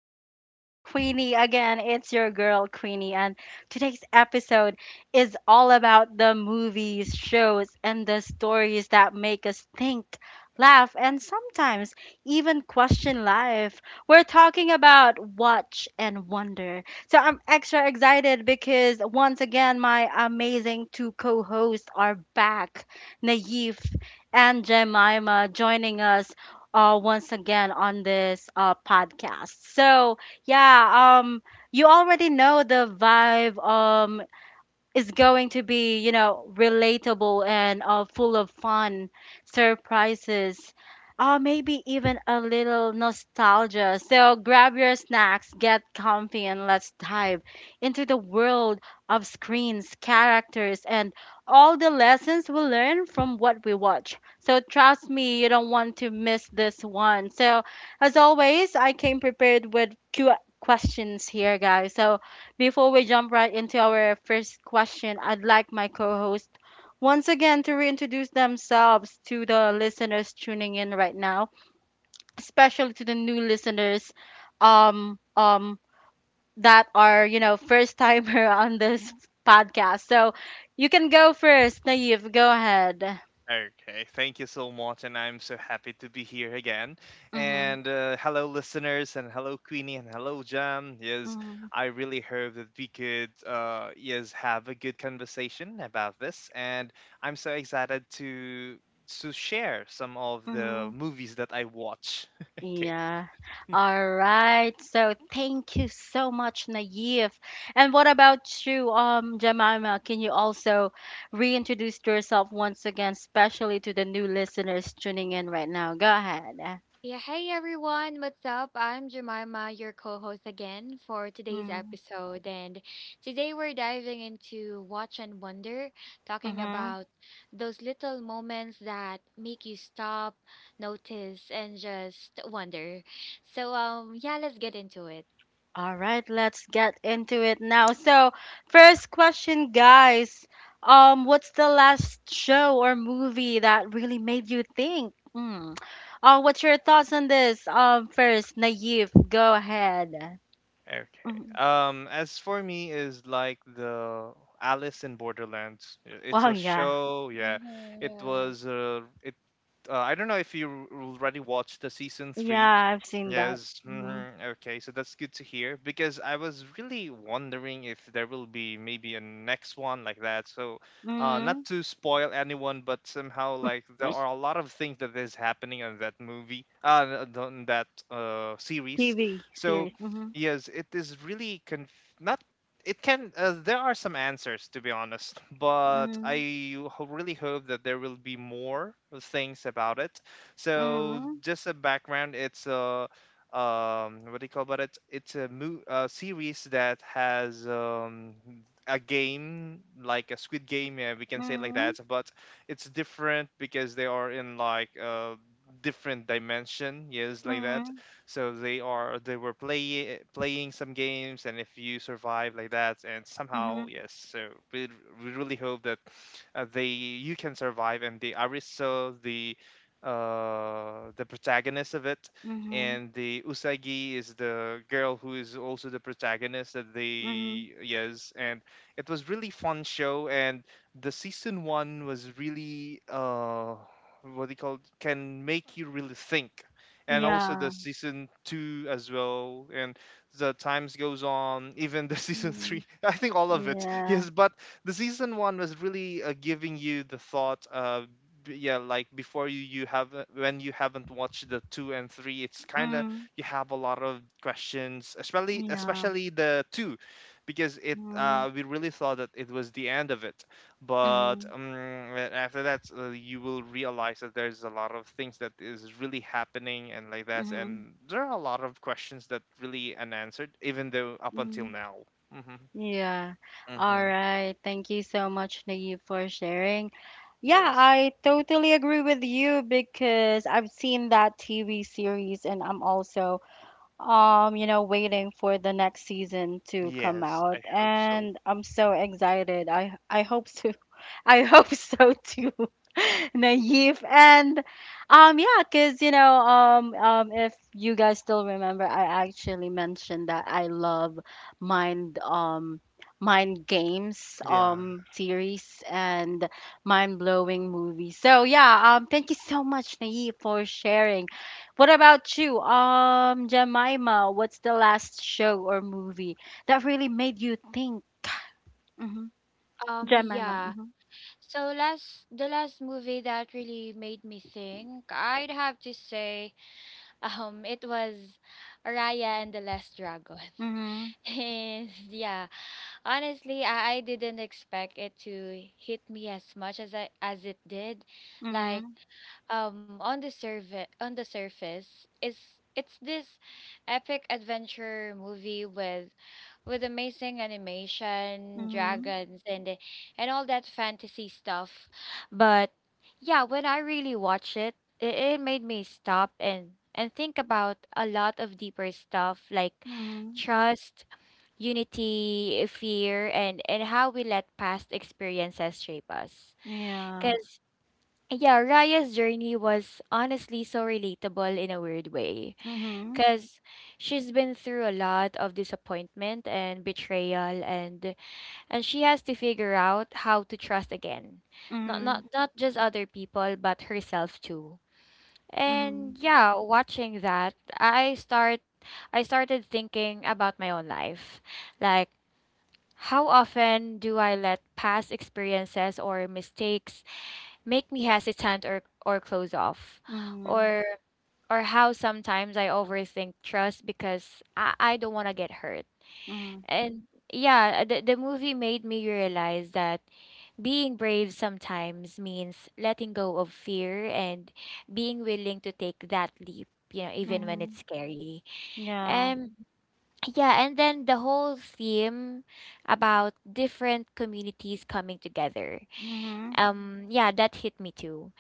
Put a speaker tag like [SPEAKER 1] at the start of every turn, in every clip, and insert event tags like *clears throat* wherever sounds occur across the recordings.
[SPEAKER 1] Talks with Queenie again. It's your girl Queenie, and today's episode is all about the movies, shows, and the stories that make us think, laugh, and sometimes even question life. We're talking about Watch and Wonder. So I'm extra excited because once again, my amazing two co hosts are back, Naif and Jemima, joining us once again on this podcast. So yeah, you already know the vibe. Is going to be, you know, relatable and full of fun, surprises, maybe even a little nostalgia. So grab your snacks, get comfy, and let's dive into the world of screens, characters, and all the lessons we learn from what we watch. So trust me, you don't want to miss this one. So, as always, I came prepared with questions here, guys. So, before we jump right into our first question, I'd like my co host once again to reintroduce themselves to the listeners tuning in right now, especially to the new listeners um, um, that are, you know, first timer *laughs* on this podcast. So you can go first, Naive. Go ahead.
[SPEAKER 2] Okay, thank you so much, and I'm so happy to be here again.
[SPEAKER 1] Mm-hmm,
[SPEAKER 2] And hello, listeners, and hello, Queenie, and hello, Jam. Yes,
[SPEAKER 1] mm-hmm,
[SPEAKER 2] I really hope that we could, yes, have a good conversation about this. And I'm so excited to share some of the
[SPEAKER 1] mm-hmm.
[SPEAKER 2] movies that I watch. *laughs* Okay,
[SPEAKER 1] Yeah. All right. So thank you so much, Naive. And what about you, Jemima? Can you also reintroduce yourself once again, especially to the new listeners tuning in right now? Go ahead.
[SPEAKER 3] Yeah, hey everyone, what's up? I'm Jemima, your co host again for today's episode. And today we're diving into Watch and Wonder, talking
[SPEAKER 1] Mm-hmm.
[SPEAKER 3] about those little moments that make you stop, notice, and just wonder. So, yeah, let's get into it.
[SPEAKER 1] All right, let's get into it now. So, first question, guys. What's the last show or movie that really made you think? Mm. What's your thoughts on this? First, Naive, go ahead.
[SPEAKER 2] okay.
[SPEAKER 1] Mhm.
[SPEAKER 2] As for me, is like the Alice in Borderlands. It's
[SPEAKER 1] Oh
[SPEAKER 2] a
[SPEAKER 1] yeah,
[SPEAKER 2] show. Yeah,
[SPEAKER 3] Mm-hmm,
[SPEAKER 2] it
[SPEAKER 3] yeah.
[SPEAKER 2] was it I don't know if you already watched the season three
[SPEAKER 1] yeah, I've seen that.
[SPEAKER 2] Yes.
[SPEAKER 1] Hmm.
[SPEAKER 2] Mhm. Okay. So that's good to hear because I was really wondering if there will be maybe a next one like that. So, not
[SPEAKER 1] Hmm.
[SPEAKER 2] to spoil anyone, but somehow like there are a lot of things that is happening on that movie, on that series.
[SPEAKER 1] TV
[SPEAKER 2] So,
[SPEAKER 1] series. Hmm.
[SPEAKER 2] yes, it is really conf not. It can. There are some answers to be honest, but
[SPEAKER 1] Hmm.
[SPEAKER 2] I really hope that there will be more things about it. So
[SPEAKER 1] Hmm.
[SPEAKER 2] just a background, it's a what do you call about it? It's a series that has a game, like a squid game. Yeah, we can say it like
[SPEAKER 1] Hmm.
[SPEAKER 2] that, but it's different because they are in like different dimension, yes, like that.
[SPEAKER 1] Hmm.
[SPEAKER 2] So they were playing some games, and if you survive like that, and somehow,
[SPEAKER 1] Hmm.
[SPEAKER 2] yes. So we, really hope that they you can survive. And the aristo the protagonist of it,
[SPEAKER 1] Hmm.
[SPEAKER 2] and the Usagi is the girl who is also the protagonist that
[SPEAKER 1] Hmm.
[SPEAKER 2] they, yes. And it was really fun show, and the season 1 was really what they call, can make you really think. And also the
[SPEAKER 1] Yeah.
[SPEAKER 2] season 2 as well, and the times goes on, even the *laughs* season 3
[SPEAKER 1] Mm.
[SPEAKER 2] I think all of it,
[SPEAKER 1] Yeah.
[SPEAKER 2] yes. But the season 1 was really giving you the thought. Yeah, like before you have, when you haven't watched the two and three, it's kind of, you have a lot of questions, especially
[SPEAKER 1] Yeah.
[SPEAKER 2] especially the two, because it
[SPEAKER 1] Mm,
[SPEAKER 2] we really thought that it was the end of it. But
[SPEAKER 1] mhm,
[SPEAKER 2] after that, you will realize that there's a lot of things that is really happening and like that,
[SPEAKER 1] mhm,
[SPEAKER 2] and there are a lot of questions that really unanswered, even though up until
[SPEAKER 1] mhm.
[SPEAKER 2] now. Hmm.
[SPEAKER 1] Yeah. All
[SPEAKER 2] Hmm.
[SPEAKER 1] right. Thank you so much, Naive, for sharing. Yeah,
[SPEAKER 2] Yes.
[SPEAKER 1] I totally agree with you because I've seen that TV series and I'm also you know, waiting for the next season to come
[SPEAKER 2] Yes,
[SPEAKER 1] out
[SPEAKER 2] I hope so.
[SPEAKER 1] and I'm so excited. I hope so. I *laughs* hope so too. *laughs* Naive and yeah, cause you know if you guys still remember, I actually mentioned that I love mind um mind games
[SPEAKER 2] Yeah.
[SPEAKER 1] series and mind blowing movies. So yeah, thank you so much Naive for sharing. What about you, Jemima? What's the last show or movie that really made you think? Mm-hmm. Jemima.
[SPEAKER 3] Yeah. So last the last movie that really made me think, I'd have to say, it was Raya and the Last Dragon. *laughs*
[SPEAKER 1] Mm-hmm.
[SPEAKER 3] And yeah, honestly, I didn't expect it to hit me as much as I as it did. Like,
[SPEAKER 1] Mhm,
[SPEAKER 3] on the surface is it's this epic adventure movie with amazing animation,
[SPEAKER 1] mhm,
[SPEAKER 3] dragons, and all that fantasy stuff. But yeah, when I really watch it, it made me stop and think about a lot of deeper stuff like
[SPEAKER 1] mhm.
[SPEAKER 3] trust, unity, fear, and how we let past experiences shape us.
[SPEAKER 1] Yeah.
[SPEAKER 3] Cause yeah, Raya's journey was honestly so relatable in a weird way.
[SPEAKER 1] Mhm,
[SPEAKER 3] Cause she's been through a lot of disappointment and betrayal, and she has to figure out how to trust again. Not
[SPEAKER 1] mhm,
[SPEAKER 3] not not just other people but herself too.
[SPEAKER 1] mhm,
[SPEAKER 3] And yeah, watching that, I started thinking about my own life. Like, how often do I let past experiences or mistakes make me hesitant, or close off?
[SPEAKER 1] mhm,
[SPEAKER 3] Or how sometimes I overthink trust because I don't want to get hurt.
[SPEAKER 1] mhm,
[SPEAKER 3] And yeah, the movie made me realize that being brave sometimes means letting go of fear and being willing to take that leap, you know, even when it's
[SPEAKER 1] mhm.
[SPEAKER 3] scary.
[SPEAKER 1] Yeah.
[SPEAKER 3] And. Yeah, and then the whole theme about different communities coming together.
[SPEAKER 1] Mhm,
[SPEAKER 3] Yeah, that hit me too.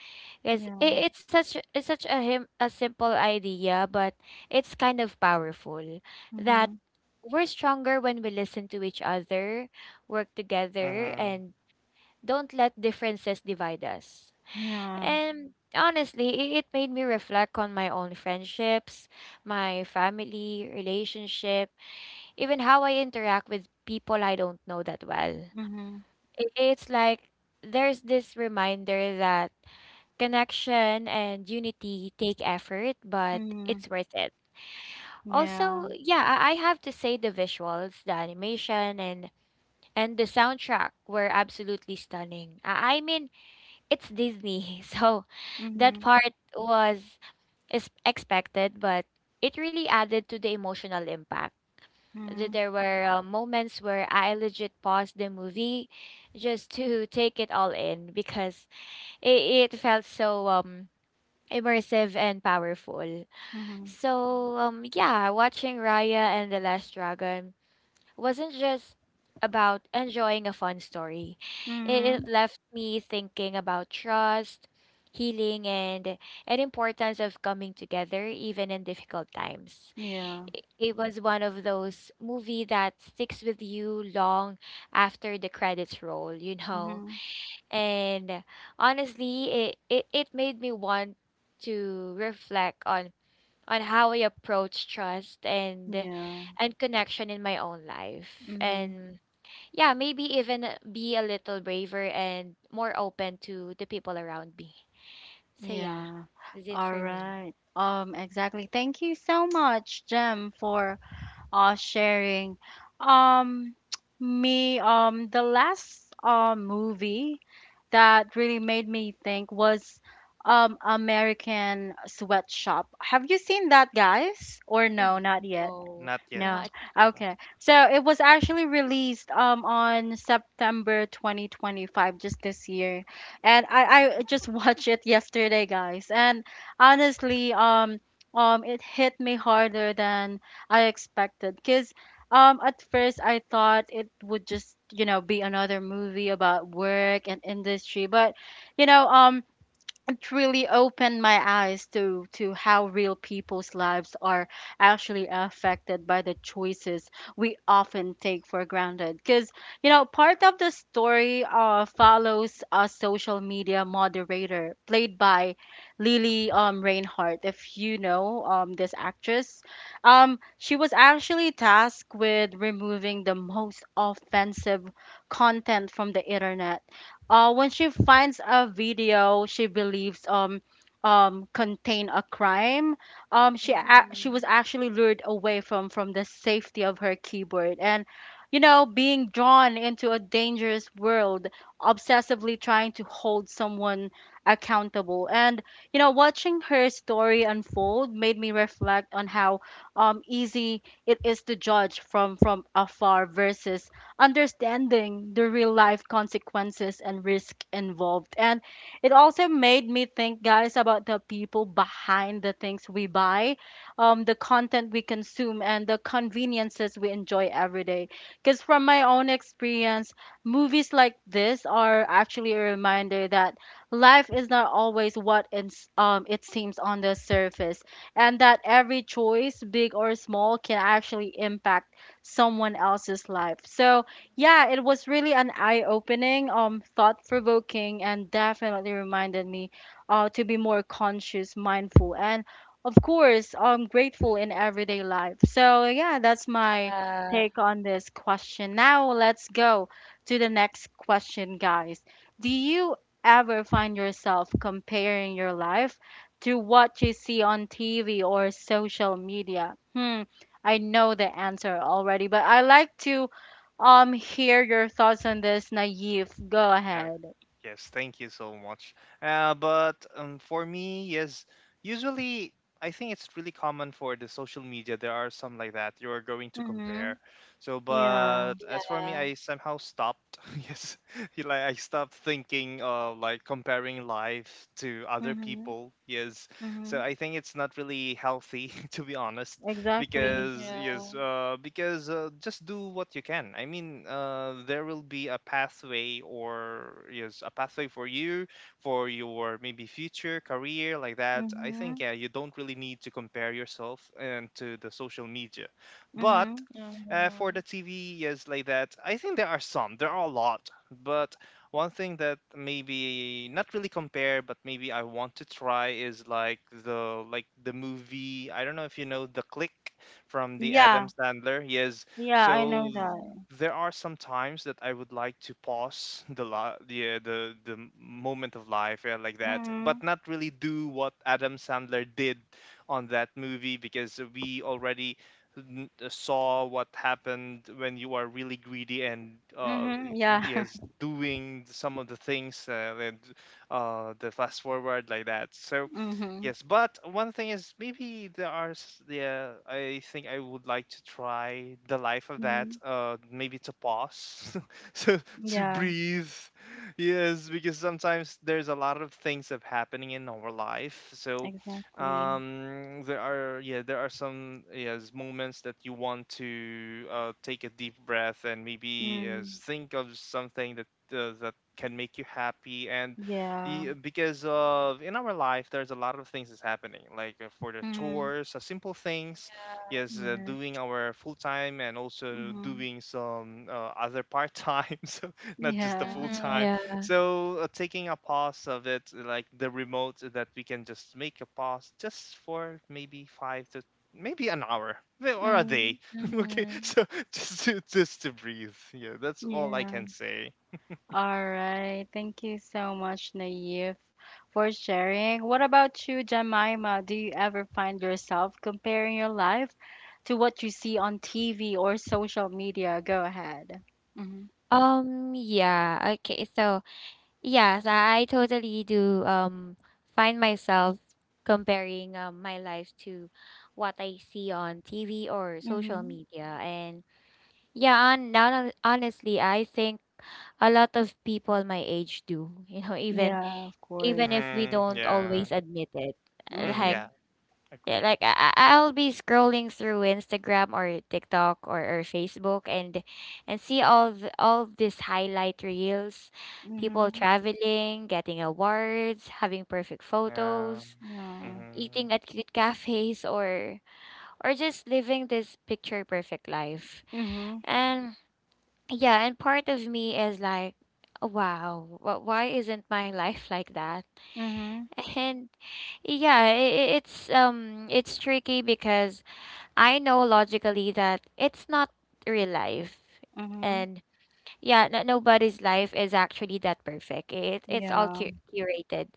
[SPEAKER 3] Because
[SPEAKER 1] yeah.
[SPEAKER 3] it's such a simple idea, but it's kind of powerful that
[SPEAKER 1] Mhm,
[SPEAKER 3] we're stronger when we listen to each other, work together,
[SPEAKER 2] Hmm.
[SPEAKER 3] and don't let differences divide us.
[SPEAKER 1] yeah.
[SPEAKER 3] And honestly, it made me reflect on my own friendships, my family, relationship, even how I interact with people I don't know that well.
[SPEAKER 1] Mhm,
[SPEAKER 3] It's like there's this reminder that connection and unity take effort, but
[SPEAKER 1] mhm,
[SPEAKER 3] it's worth it.
[SPEAKER 1] yeah.
[SPEAKER 3] Also, yeah, I have to say the visuals, the animation, and the soundtrack were absolutely stunning. I mean, it's Disney, *laughs* so that
[SPEAKER 1] Mhm,
[SPEAKER 3] part was is expected, but it really added to the emotional impact. Th-
[SPEAKER 1] mhm,
[SPEAKER 3] There were uh, moments where I legit paused the movie just to *laughs* take it all in because it felt so immersive and powerful.
[SPEAKER 1] mhm,
[SPEAKER 3] So yeah, watching Raya and the Last Dragon wasn't just about enjoying a fun story.
[SPEAKER 1] mhm.
[SPEAKER 3] It left me thinking about trust, healing, and importance of coming together even in difficult times.
[SPEAKER 1] Yeah.
[SPEAKER 3] It was one of those movie that sticks with you long after the credits roll, you know.
[SPEAKER 1] Mhm,
[SPEAKER 3] And honestly, it made me want to reflect on how I approach trust and
[SPEAKER 1] yeah.
[SPEAKER 3] connection in my own life.
[SPEAKER 1] Mhm,
[SPEAKER 3] And yeah, maybe even be a little braver and more open to the people around me. So yeah,
[SPEAKER 1] yeah.
[SPEAKER 3] that's it
[SPEAKER 1] All
[SPEAKER 3] for me.
[SPEAKER 1] right. Exactly. Thank you so much, Jem, for sharing. Um, *tsk* me, the last movie that really made me think was American Sweatshop. Have you seen that, guys? Or no,
[SPEAKER 3] Ay,
[SPEAKER 1] not yet?
[SPEAKER 3] no,
[SPEAKER 2] Not yet.
[SPEAKER 1] No.
[SPEAKER 3] not.
[SPEAKER 1] Okay. So it was actually released on September 2025 just this year. And I just *laughs* watched it yesterday, guys. And honestly, it hit me harder than I expected cuz at first I thought it would just, you know, be another movie about work and industry, but you know, it really opened my eyes to how real people's lives are actually affected by the choices we often take for granted because you know part of the story follows a social media moderator played by Lily Reinhardt if you know this actress she was actually tasked with removing the most offensive content from the internet when she finds a video she believes contain a crime she was
[SPEAKER 3] Mhm.
[SPEAKER 1] actually lured away from the safety of her keyboard and you know being drawn into a dangerous world obsessively trying to hold someone accountable and you know watching her story unfold made me reflect on how easy it is to judge from afar versus understanding the real life consequences and risk involved. And it also made me think, guys, about the people behind the things we buy, the content we consume, and the conveniences we enjoy every day. Because from my own experience, movies like this are actually a reminder that life is not always what it seems on the surface, and that every choice, big or small, can actually impact someone else's life. So, yeah, it was really an eye-opening, thought-provoking, and definitely reminded me to be more conscious, mindful, and of course, grateful in everyday life. So yeah, that's my
[SPEAKER 3] Yeah,
[SPEAKER 1] take on this question. Now let's go to the next question, guys. Do you ever find yourself comparing your life to what you see on TV or social media? Hmm, I know the answer already, but I like to hear your thoughts on this, Naive. Go
[SPEAKER 2] Yeah,
[SPEAKER 1] ahead.
[SPEAKER 2] yes, thank you so much. But for me, yes, usually I think it's really common for the social media. There are some like that you are going to compare.
[SPEAKER 1] Mhm.
[SPEAKER 2] So,
[SPEAKER 1] Yeah.
[SPEAKER 2] but as for me,
[SPEAKER 3] yeah.
[SPEAKER 2] I somehow stopped. *laughs* Yes, *laughs* like, I stopped thinking of like comparing life to other
[SPEAKER 1] Mhm.
[SPEAKER 2] people. Yes, so
[SPEAKER 1] Mhm.
[SPEAKER 2] I think it's not really healthy *laughs* to be honest,
[SPEAKER 3] Mhm,
[SPEAKER 1] Exactly.
[SPEAKER 2] because
[SPEAKER 3] yeah.
[SPEAKER 2] just do what you can. I mean, there will be a pathway, or yes, a pathway for you, for your maybe future career like that, I think.
[SPEAKER 1] Mhm.
[SPEAKER 2] Yeah, you don't really need to compare yourself and to the social media. But
[SPEAKER 1] Mhm.
[SPEAKER 2] for
[SPEAKER 3] Mhm,
[SPEAKER 2] the TV, yes, like that. I think there are some. There are a lot, but one thing that maybe not really compare, but maybe I want to try is like the movie. I don't know if you know The Click from the Adam
[SPEAKER 1] Yeah.
[SPEAKER 2] Sandler. Yes.
[SPEAKER 1] Yeah, I know
[SPEAKER 2] So
[SPEAKER 3] mhm,
[SPEAKER 1] that.
[SPEAKER 2] there are some times that I would like to pause the la- the m- moment of life, yeah, like that, but
[SPEAKER 1] Mhm.
[SPEAKER 2] not really do what Adam Sandler did on that movie, because we already saw what happened when you are really greedy, and
[SPEAKER 1] Mhm. Yeah.
[SPEAKER 2] yes,
[SPEAKER 1] *laughs*
[SPEAKER 2] doing some of the things, and the fast forward like that. So,
[SPEAKER 1] Mhm.
[SPEAKER 2] yes, but one thing is, maybe there are yeah, I think I would like to try the life of that.
[SPEAKER 1] Mhm.
[SPEAKER 2] Maybe to pause, *laughs* so, to
[SPEAKER 1] Yeah,
[SPEAKER 2] breathe. Yes, because sometimes there's a lot of things that happening in our life. So,
[SPEAKER 1] exactly.
[SPEAKER 2] there are yeah there are some yes moments that you want to take a deep breath, and maybe, yes,
[SPEAKER 1] Mm.
[SPEAKER 2] think of something that that can make you happy. And
[SPEAKER 1] Yeah.
[SPEAKER 2] yeah, because of, in our life, there's a lot of things that's happening, like, for the
[SPEAKER 1] Mhm.
[SPEAKER 2] chores, simple things, yes, doing
[SPEAKER 1] Yes.
[SPEAKER 2] our full time, and also
[SPEAKER 1] Mhm.
[SPEAKER 2] doing some other part time, *laughs* so, not just the full
[SPEAKER 1] Yeah.
[SPEAKER 3] mhm,
[SPEAKER 2] time.
[SPEAKER 3] yeah.
[SPEAKER 2] So, taking a pause of it, like the remote, so that we can just make a pause just for maybe five to maybe an hour or a
[SPEAKER 1] Mhm.
[SPEAKER 2] day. *laughs* Okay,
[SPEAKER 3] Mhm.
[SPEAKER 2] so, just to breathe. Yeah, that's all I
[SPEAKER 1] Yeah.
[SPEAKER 2] can say.
[SPEAKER 1] All right. Thank you so much, Naive, for sharing. What about you, Jemima? Do you ever find yourself comparing your life to what you see on TV or social media? Go ahead. Mm-hmm.
[SPEAKER 3] Yeah, okay. So, yes, I totally do find myself comparing my life to what I see on TV or social
[SPEAKER 1] Mm-hmm.
[SPEAKER 3] media. And yeah, on now honestly, I think a lot of people my age do, you know,
[SPEAKER 1] Yeah, of course.
[SPEAKER 3] even if we
[SPEAKER 2] Hmm.
[SPEAKER 3] don't
[SPEAKER 2] Yeah.
[SPEAKER 3] always admit it. Uh,
[SPEAKER 2] Hmm.
[SPEAKER 3] Like
[SPEAKER 1] Mm-hmm.
[SPEAKER 2] Yeah.
[SPEAKER 3] yeah,
[SPEAKER 2] Agree.
[SPEAKER 3] like I'll be scrolling through Instagram or TikTok, or Facebook, and see all all these highlight reels, people
[SPEAKER 1] Mm-hmm.
[SPEAKER 3] traveling, getting awards, having perfect
[SPEAKER 2] Yeah.
[SPEAKER 3] photos,
[SPEAKER 1] Yeah.
[SPEAKER 2] Mhm.
[SPEAKER 3] eating at cute cafes, or just living this picture perfect life.
[SPEAKER 1] Mm-hmm.
[SPEAKER 3] And yeah, and part of me is like, wow, why isn't my life like that?
[SPEAKER 1] Mm-hmm.
[SPEAKER 3] *laughs* And yeah, it's tricky because I know logically that it's not real life.
[SPEAKER 1] Mm-hmm.
[SPEAKER 3] And yeah, no, nobody's life is actually that perfect. It's all
[SPEAKER 1] Yeah,
[SPEAKER 3] curated.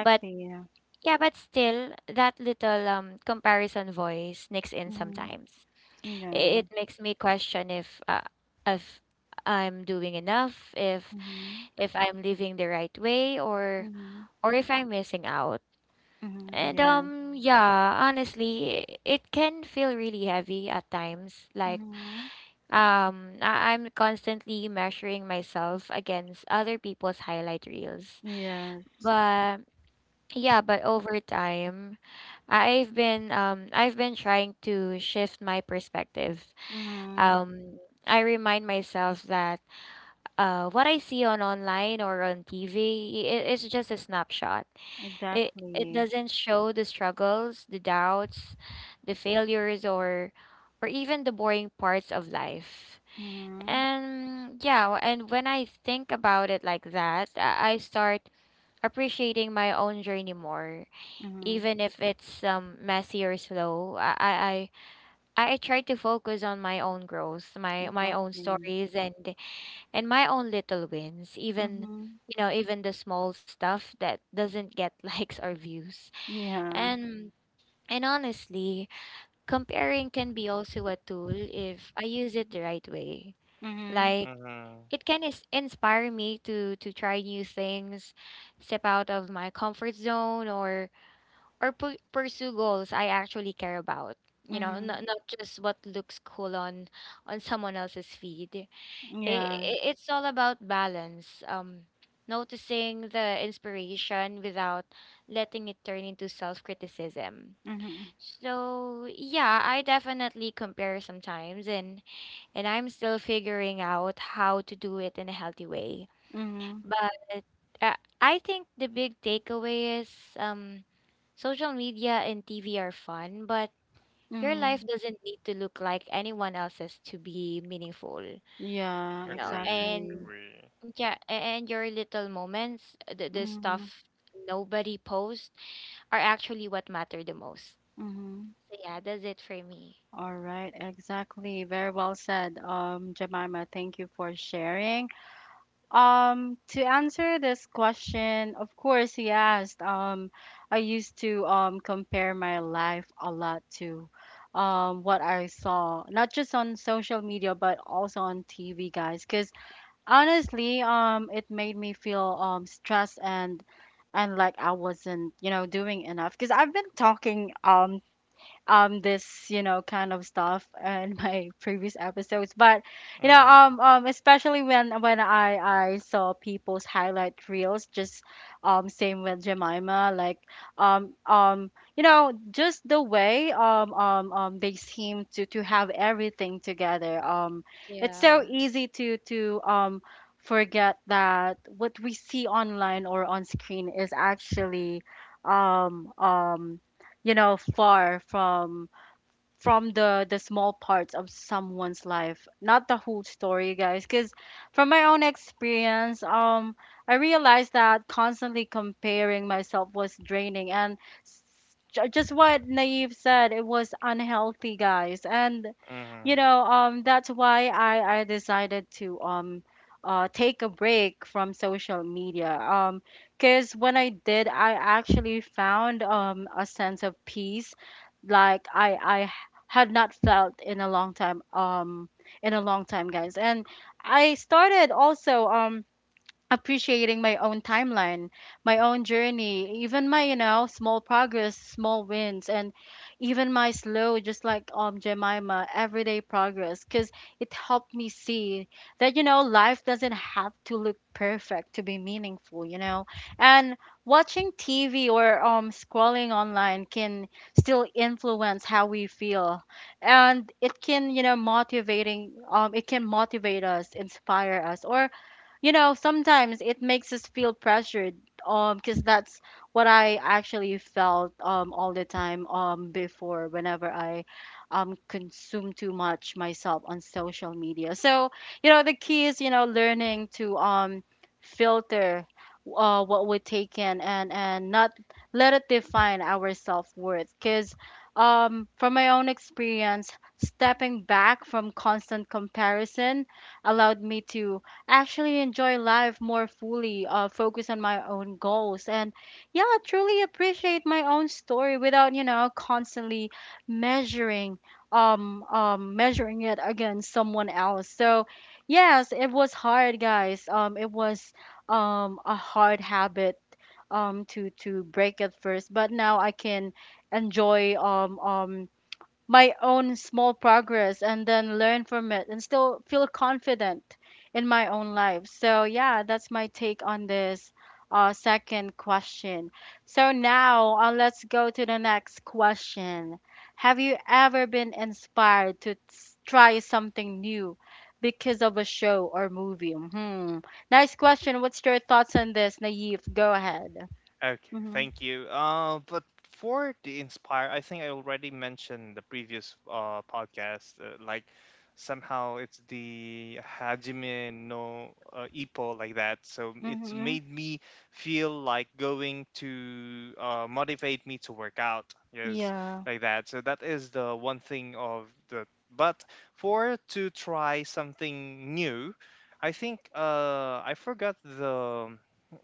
[SPEAKER 3] But
[SPEAKER 1] Yeah.
[SPEAKER 3] yeah, but still that little comparison voice nicks in
[SPEAKER 1] Mm-hmm.
[SPEAKER 3] sometimes.
[SPEAKER 1] Yeah.
[SPEAKER 3] It makes me question if I'm doing enough,
[SPEAKER 1] Mm-hmm.
[SPEAKER 3] if I'm living the right way, or
[SPEAKER 1] Mm-hmm.
[SPEAKER 3] if I'm missing out.
[SPEAKER 1] Mm-hmm.
[SPEAKER 3] And
[SPEAKER 1] Yeah.
[SPEAKER 3] yeah, honestly, it can feel really heavy at times. Like,
[SPEAKER 1] Mm-hmm.
[SPEAKER 3] I'm constantly measuring myself against other people's highlight reels.
[SPEAKER 1] Yes.
[SPEAKER 3] But yeah, but over time, I've been trying to shift my perspective.
[SPEAKER 1] Mm-hmm.
[SPEAKER 3] Um, I remind myself that what I see on online or on TV, it's just a snapshot. It
[SPEAKER 1] Exactly.
[SPEAKER 3] doesn't show the struggles, the doubts, the failures, or even the boring parts of life.
[SPEAKER 1] Mhm.
[SPEAKER 3] And yeah, and when I think about it like that, I start appreciating my own journey more,
[SPEAKER 1] Mhm.
[SPEAKER 3] even if it's messy or slow. I try to focus on my own growth, my own
[SPEAKER 1] Exactly.
[SPEAKER 3] stories, and my own little wins, even,
[SPEAKER 1] Mhm.
[SPEAKER 3] you know, even the small stuff that doesn't get *laughs* likes or views.
[SPEAKER 1] Yeah.
[SPEAKER 3] And honestly, comparing can be also a tool if I use it the right way.
[SPEAKER 1] Mhm.
[SPEAKER 3] Like,
[SPEAKER 2] Mhm.
[SPEAKER 3] it can is inspire me to try new things, step out of my comfort zone, or pursue goals I actually care about, you know,
[SPEAKER 1] Mhm.
[SPEAKER 3] not just what looks cool on someone else's feed.
[SPEAKER 1] Yeah.
[SPEAKER 3] It's all about balance, noticing the inspiration without letting it turn into self-criticism.
[SPEAKER 1] Mhm.
[SPEAKER 3] So yeah, I definitely compare sometimes, and I'm still figuring out how to do it in a healthy way.
[SPEAKER 1] Mhm.
[SPEAKER 3] But uh, I think the big takeaway is, um, social media and TV are fun, but your
[SPEAKER 1] Mhm.
[SPEAKER 3] life doesn't need to look like anyone else's to be meaningful, you
[SPEAKER 1] Yeah.
[SPEAKER 3] know.
[SPEAKER 2] Agree.
[SPEAKER 3] And
[SPEAKER 1] Exactly.
[SPEAKER 2] Agree.
[SPEAKER 3] yeah, and your little moments, the
[SPEAKER 1] Mhm.
[SPEAKER 3] stuff nobody posts, are actually what matter the most.
[SPEAKER 1] Mhm.
[SPEAKER 3] So yeah, that's it for me.
[SPEAKER 1] All right. Exactly. Very well said, Jemima. Thank you for sharing. To answer this question, of course, yes. I used to compare my life a lot to what I saw, not just on social media, but also on TV, guys. Because honestly, it made me feel stressed and like I wasn't, you know, doing enough. Because I've been talking this you know kind of stuff in my *laughs* previous episodes but you know
[SPEAKER 2] Mhm.
[SPEAKER 1] especially when I saw people's highlight reels just same with Jemima like um um you know just the way they seem to have everything together it's
[SPEAKER 3] Yeah.
[SPEAKER 1] so easy to forget that what we see online or on screen is actually um um you know, far from the small parts of someone's life not the whole story guys because from my own experience I realized that constantly comparing myself was draining and s- just what Naive said it was unhealthy guys and you
[SPEAKER 2] Mhm.
[SPEAKER 1] know that's why I decided to take a break from social media because when I did I actually found a sense of peace like I had not felt in a long time in a long time guys and I started also appreciating my own timeline, my own journey, even my, you know, small progress, small wins, and even my slow, just like Jemima, everyday progress, because it helped me see that, you know, life doesn't have to look perfect to be meaningful, you know. And watching TV or scrolling online can still influence how we feel. And it can, you know, motivating it can motivate us, inspire us, or you know sometimes it makes us feel pressured because that's what I actually felt all the time before whenever I consume too much myself on social media so you know the key is you know learning to filter what we take in and not let it define our self-worth because from my own experience stepping back from constant comparison allowed me to actually enjoy life more fully, focus on my own goals, and yeah, truly appreciate my own story without, you know, constantly measuring measuring it against someone else. So, yes, it was hard, guys. It was a hard habit to break at first, but now I can enjoy my own small progress and then learn from it and still feel confident in my own life. So, yeah, that's my take on this second question. So, now let's go to the next question. Have you ever been inspired to try something new because of a show or movie? Hmm. Nice question. What's your thoughts on this, Naive? Go ahead.
[SPEAKER 2] Okay,
[SPEAKER 1] Mm-hmm.
[SPEAKER 2] thank you. But for the inspire, I think I already mentioned the previous podcast. Like somehow it's the Hajime no Ippo, like that. So it's
[SPEAKER 1] Mm-hmm.
[SPEAKER 2] made me feel like going to motivate me to work out. Yes,
[SPEAKER 1] Yeah.
[SPEAKER 2] like that. So that is the one thing of the. But for, to try something new, I think I forgot the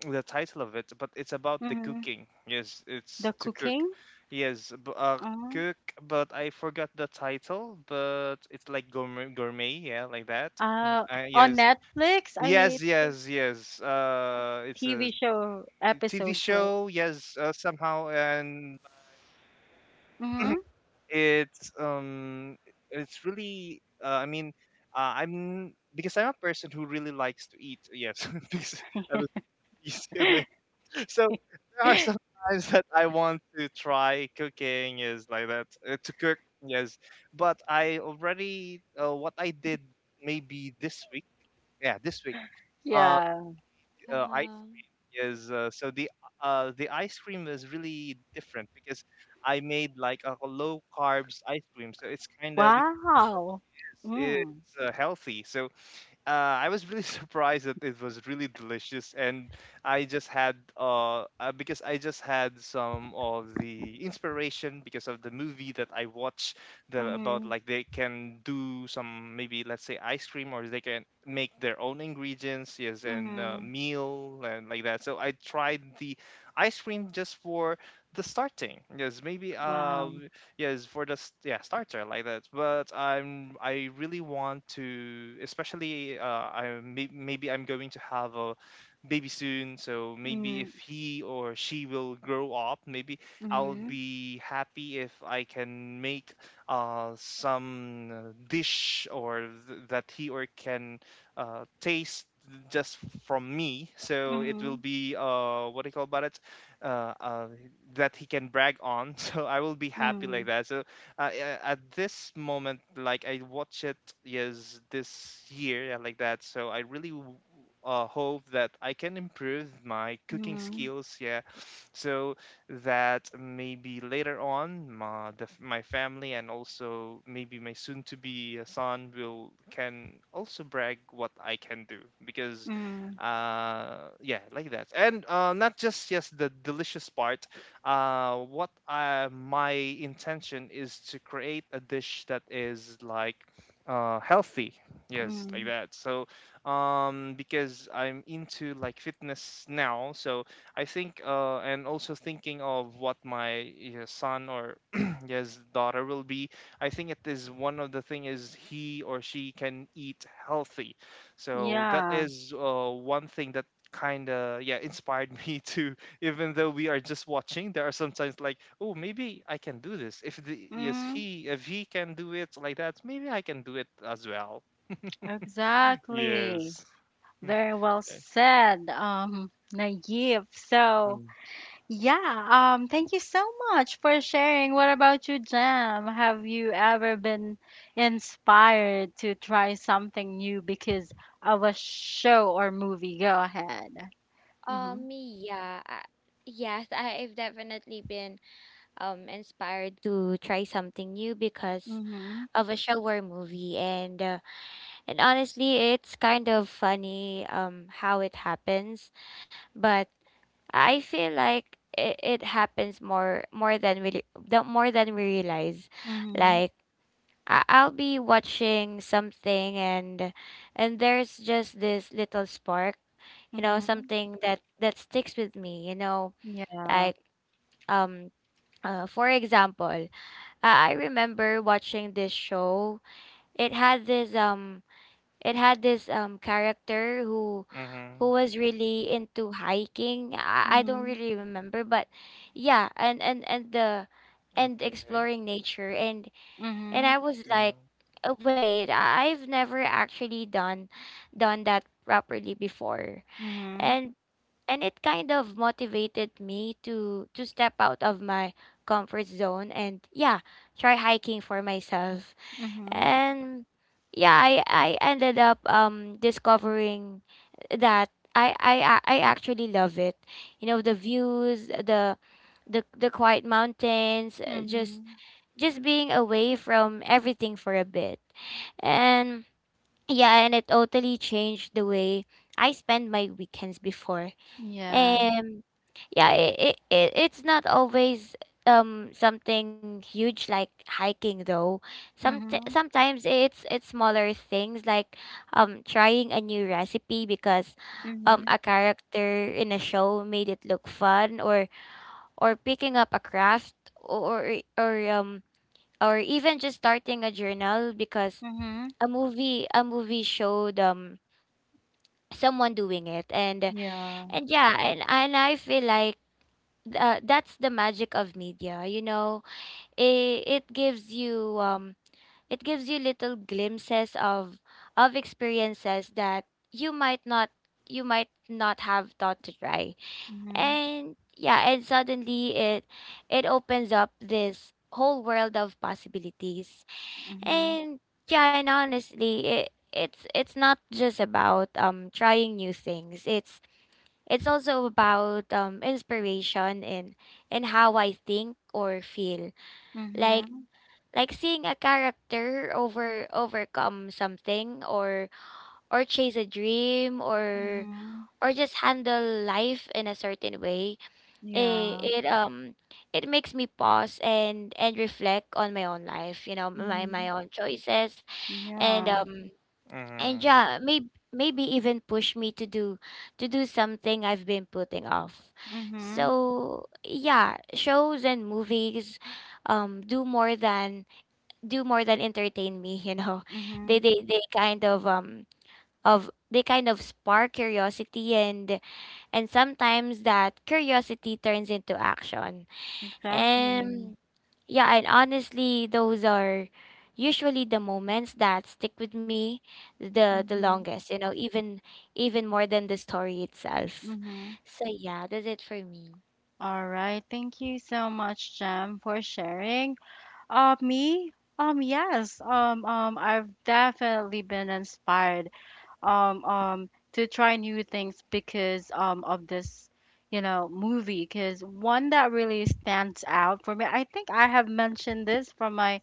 [SPEAKER 2] title of it, but it's about the
[SPEAKER 1] Mm-hmm.
[SPEAKER 2] cooking. Yes, it's
[SPEAKER 1] The
[SPEAKER 2] to cook.
[SPEAKER 1] cooking?
[SPEAKER 2] Yes, cook, but I forgot the title, but it's like gourmet, yeah, like that.
[SPEAKER 1] Uh,
[SPEAKER 2] *laughs*
[SPEAKER 1] on
[SPEAKER 2] Yes,
[SPEAKER 1] Netflix, I
[SPEAKER 2] yes, yes, yes. It's
[SPEAKER 1] TV
[SPEAKER 2] a
[SPEAKER 1] show
[SPEAKER 2] TV
[SPEAKER 1] episodes, right?
[SPEAKER 2] show. Yes, somehow. And *clears throat*
[SPEAKER 1] Mm-hmm.
[SPEAKER 2] it's um it's really, I mean, I'm because I'm a person who really likes to eat, yes. *laughs* Because I was *laughs*
[SPEAKER 1] *laughs*
[SPEAKER 2] so, there are some times that I want to try cooking is like that, to cook. Yes, but I already, what I did maybe this week, yeah this week, uh,
[SPEAKER 1] Yeah.
[SPEAKER 2] ice
[SPEAKER 3] Uh-huh.
[SPEAKER 2] cream is, so the ice cream is really different, because I made like a low carbs ice cream, so it's kind of, because
[SPEAKER 1] Wow. Mm.
[SPEAKER 2] it's healthy. So, I was really *laughs* surprised that it was really delicious. And I just had, because I just had some of the inspiration because of the movie that I watched, the about
[SPEAKER 1] Mm.
[SPEAKER 2] like, they can do some, maybe let's say, ice cream, or they can make their own ingredients, yes, and
[SPEAKER 1] Mm.
[SPEAKER 2] meal, and like that. So I tried the ice cream just for the starting, yes, maybe,
[SPEAKER 1] Wow.
[SPEAKER 2] yes, for the starter, like that. But I really want to, especially, I, maybe I'm going to have a baby soon. So maybe if
[SPEAKER 1] Mm.
[SPEAKER 2] he or she will grow up, maybe I'll
[SPEAKER 1] Mm.
[SPEAKER 2] be happy if I can make some dish, that he or can taste just from me. So it will
[SPEAKER 1] Mm.
[SPEAKER 2] be, what do you call about it, uh, uh, that he can brag on. *laughs* So I will be happy like
[SPEAKER 1] Mm.
[SPEAKER 2] that. So, yeah, at this moment, like, I watch it, yes, this year, yeah, like that. So I really hope that I can improve my cooking
[SPEAKER 1] Mm.
[SPEAKER 2] skills. Yeah, so that maybe later on, my family, and also maybe my soon to be son, will can also brag what I can do. Because
[SPEAKER 1] Mm.
[SPEAKER 2] yeah, like that. And not just the delicious part. What I my intention is to create a dish that is like healthy, yes, like
[SPEAKER 1] Mm.
[SPEAKER 2] that. So, because I'm into like fitness now, so, I think, and also thinking of what my, yeah, son, or *clears throat* yes, daughter will be, I think it is one of the thing is, he or she can eat healthy. So that
[SPEAKER 1] Yeah.
[SPEAKER 2] is one thing that kind of, yeah, inspired *laughs* me to, even though we are just watching, there are sometimes like, oh, maybe I can do this. If the yes
[SPEAKER 1] Mm.
[SPEAKER 2] he if he can do it like that, maybe I can do it as well.
[SPEAKER 1] Exactly.
[SPEAKER 2] Yes.
[SPEAKER 1] Very well
[SPEAKER 2] Okay.
[SPEAKER 1] said, Naive. So, yeah, thank you so much for sharing. What about you, Jam? Have you ever been inspired to try something new because of a show or movie? Go ahead. Mm-hmm.
[SPEAKER 3] Yeah. Yes, I've definitely been inspired to try something new because
[SPEAKER 1] Mm-hmm.
[SPEAKER 3] of a show or movie. And and honestly, it's kind of funny how it happens, but I feel like it happens more than we re- the more than we realize.
[SPEAKER 1] Mm-hmm.
[SPEAKER 3] Like, I'll be watching something, and there's just this little spark, you know,
[SPEAKER 1] Mm-hmm.
[SPEAKER 3] something that sticks with me, you know,
[SPEAKER 1] Yeah.
[SPEAKER 3] like, um for example. I remember watching this show. It had this character who
[SPEAKER 2] Mm-hmm.
[SPEAKER 3] was really into hiking. I don't
[SPEAKER 1] Mm-hmm.
[SPEAKER 3] really remember, but yeah, and and the and
[SPEAKER 2] Okay.
[SPEAKER 3] exploring nature, and
[SPEAKER 1] Mm-hmm.
[SPEAKER 3] I was like,
[SPEAKER 2] Mm.
[SPEAKER 3] "Oh, wait, I've never actually done that properly before."
[SPEAKER 1] Mm-hmm.
[SPEAKER 3] And it kind of motivated me to step out of my comfort zone, and yeah, try hiking for myself.
[SPEAKER 1] Mm-hmm.
[SPEAKER 3] And yeah, I ended up discovering that I actually love it, you know, the views the quiet mountains,
[SPEAKER 1] Mm-hmm.
[SPEAKER 3] just being away from everything for a bit. And yeah, and it totally changed the way I spend my weekends before.
[SPEAKER 1] Yeah.
[SPEAKER 3] um, yeah, it, it's not always something huge like hiking though. Some
[SPEAKER 1] Mm-hmm.
[SPEAKER 3] Sometimes it's smaller things, like trying a new recipe because
[SPEAKER 1] Mm-hmm.
[SPEAKER 3] a character in a show made it look fun, or picking up a craft, or even just starting a journal because
[SPEAKER 1] Mm-hmm.
[SPEAKER 3] a movie showed someone doing it. And
[SPEAKER 1] Yeah.
[SPEAKER 3] yeah, and I feel like that's the magic of media, you know. It gives you it gives you little glimpses of experiences that you might not you might not have thought to try.
[SPEAKER 1] Mm-hmm.
[SPEAKER 3] And yeah, and suddenly it opens up this whole world of possibilities.
[SPEAKER 1] Mm-hmm.
[SPEAKER 3] And yeah, and honestly, it's not just about trying new things. It's It's also about, inspiration, and how I think or feel. Like,
[SPEAKER 1] Mm-hmm.
[SPEAKER 3] seeing a character overcome something, or chase a dream, or
[SPEAKER 1] Mm-hmm.
[SPEAKER 3] just handle life in a certain way.
[SPEAKER 1] Yeah.
[SPEAKER 3] It it makes me pause and reflect on my own life. You know, my
[SPEAKER 1] Mm-hmm.
[SPEAKER 3] own choices, and
[SPEAKER 1] Yeah.
[SPEAKER 3] um and
[SPEAKER 2] Mm-hmm.
[SPEAKER 3] yeah, maybe even push me to do something I've been putting off.
[SPEAKER 1] Mm-hmm.
[SPEAKER 3] So yeah, shows and movies do more than entertain me, you know. *laughs*
[SPEAKER 1] Mm-hmm.
[SPEAKER 3] They kind of they kind of spark curiosity, and sometimes that curiosity turns into action.
[SPEAKER 1] Exactly.
[SPEAKER 3] And yeah, and honestly, those are usually the moments that stick with me the
[SPEAKER 1] Mm-hmm.
[SPEAKER 3] longest, you know, even more than the story itself.
[SPEAKER 1] Mm-hmm.
[SPEAKER 3] So yeah, that's it for me.
[SPEAKER 1] All right. Thank you so much, Jem, for sharing. Me? Yes. I've definitely been inspired to try new things because of this, you know, movie. Because one that really stands out for me, I think I have mentioned this from my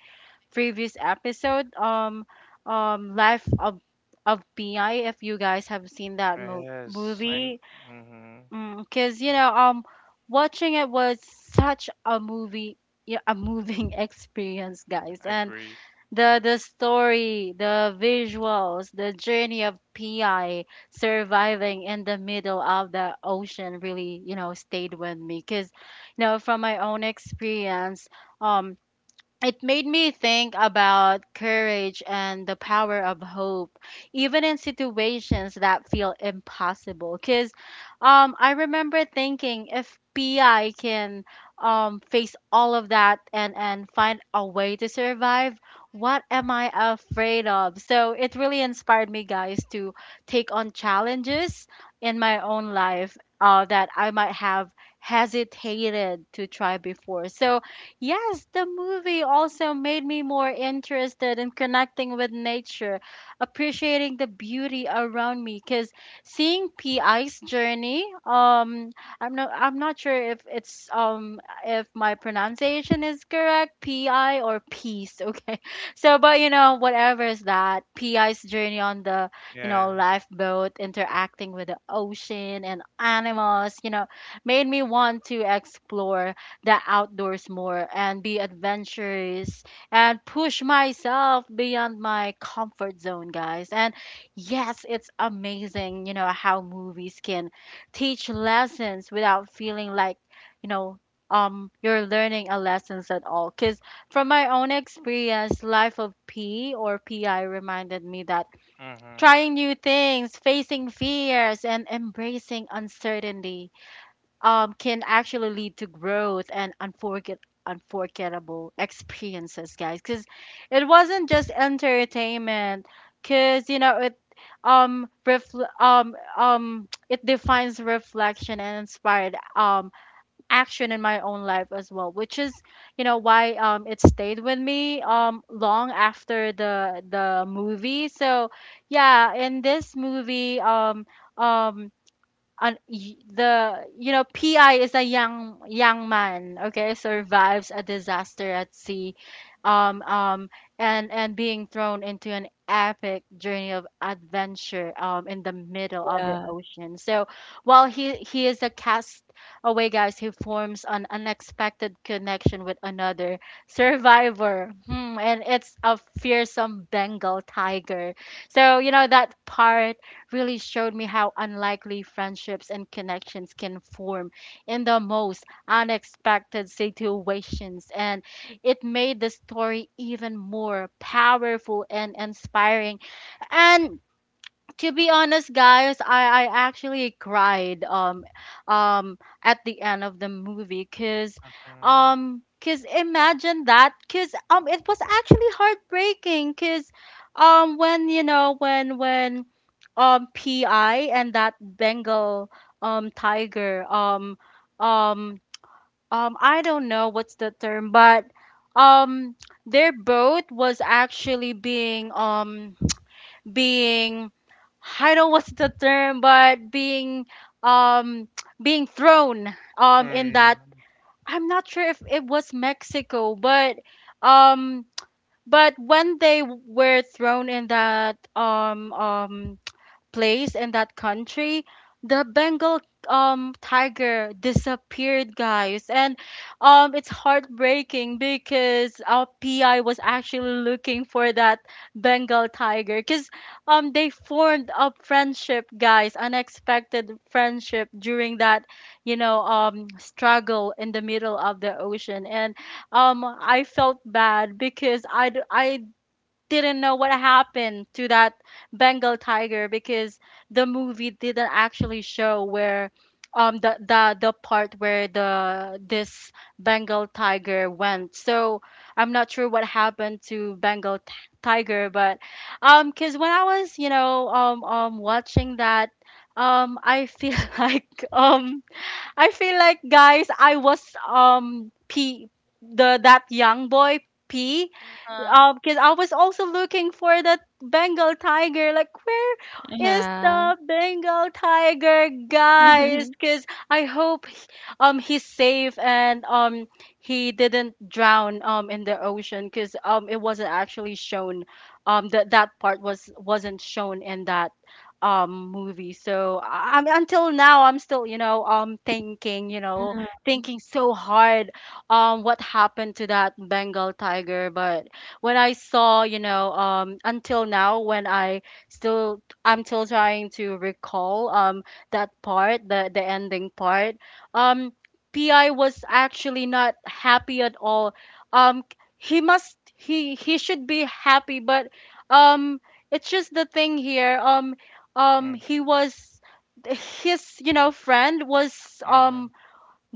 [SPEAKER 1] previous episode, Life of Pi. If you guys have seen that mo-
[SPEAKER 2] Yes, I.
[SPEAKER 1] movie,
[SPEAKER 2] Mm-hmm.
[SPEAKER 1] because you know, watching it was such a movie, yeah, a moving *laughs* experience, guys. And
[SPEAKER 2] Agree.
[SPEAKER 1] the story, the visuals, the journey of Pi surviving in the middle of the ocean really, you know, stayed with me. Because, you know, from my own experience, um it made me think about courage and the power of hope even in situations that feel impossible because I remember thinking if Pi can face all of that and, find a way to survive, what am I afraid of? So it really inspired me, guys, to take on challenges in my own life that I might have hesitated to try before. So yes, the movie also made me more interested in connecting with nature, appreciating the beauty around me. Cause seeing Pi's journey, I'm not sure if it's if my pronunciation is correct, Pi or peace. *laughs* Okay, so but you know whatever is that Pi's journey on the, you
[SPEAKER 2] Yeah.
[SPEAKER 1] know, lifeboat, interacting with the ocean and animals, you know, made me want to explore the outdoors more and be adventurous and push myself beyond my comfort zone, guys. And yes, it's amazing, you know, how movies can teach lessons without feeling like, you know, you're learning a lessons at all. Cause from my own experience, Life of P or Pi reminded me that
[SPEAKER 2] Mm-hmm.
[SPEAKER 1] trying new things, facing fears, and embracing uncertainty can actually lead to growth and unforgettable experiences, guys. Because it wasn't just entertainment. Because you know it, it defines reflection and inspired action in my own life as well, which is, you know, why it stayed with me long after the movie. So yeah, in this movie, um an y- the you know, Pi is a young man, okay, survives a disaster at sea, um um and being thrown into an epic journey of adventure in the middle of the
[SPEAKER 3] Yeah.
[SPEAKER 1] ocean. So while he is a cast away guys, he forms an unexpected connection with another survivor, hmm, and it's a fearsome Bengal tiger. So you know that part really showed me how unlikely friendships and connections can form in the most unexpected situations. And it made the story even more powerful and inspiring. And to be honest, guys, I actually cried at the end of the movie, because imagine that, because it was actually heartbreaking, because when you know when Pi and that Bengal tiger, um I don't know what's the term, but um their boat was actually being, I don't know what's the term, but being um *tsk* being thrown in that,
[SPEAKER 2] Mm-hmm.
[SPEAKER 1] I'm not sure if it was Mexico, um but when they were thrown in that place in that country, the Bengal tiger disappeared, guys. And it's heartbreaking because our Pi was actually looking for that Bengal tiger, because they formed a friendship, guys, unexpected friendship during that, you know, struggle in the middle of the ocean. And I felt bad because I didn't know what happened to that Bengal tiger, because the movie didn't actually show where the part where the this Bengal tiger went. So I'm not sure what happened to Bengal tiger, but because when I was, you know, watching that, I feel *laughs* like, I feel like, guys, I was P, the that young boy P,
[SPEAKER 3] Uh-huh.
[SPEAKER 1] because I was also looking for that Bengal tiger. Like, where is
[SPEAKER 3] Yeah.
[SPEAKER 1] the Bengal tiger, guys?
[SPEAKER 3] *laughs*
[SPEAKER 1] Because I hope he's safe and he didn't drown in the ocean. Because it wasn't actually shown that that part was wasn't shown in that movie. So I'm, until now I'm still, you know,
[SPEAKER 3] Uh-huh.
[SPEAKER 1] thinking so hard what happened to that Bengal tiger, but when I saw, you know, until now, when I I'm still trying to recall, that part, the ending part. Um, Pi was actually not happy at all. Um, he must, he should be happy, but um, it's just the thing here. He was, his, you know, friend was
[SPEAKER 2] Mm-hmm.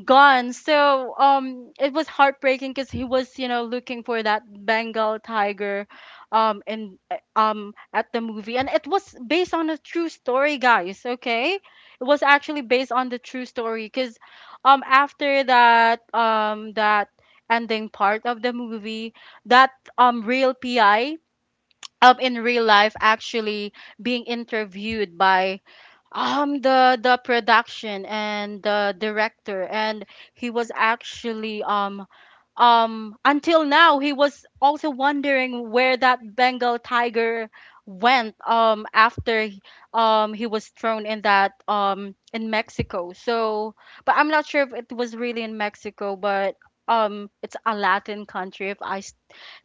[SPEAKER 1] gone. So it was heartbreaking because he was, you know, looking for that Bengal tiger, in at the movie, and it was based on a true story, guys. Okay, it was actually based on the true story because, after that ending part of the movie, that real Pi. In real life, actually being interviewed by the production and the director, and he was actually until now he was also wondering where that Bengal tiger went after he was thrown in that, in Mexico. So, but I'm not sure if it was really in Mexico, but it's a Latin country if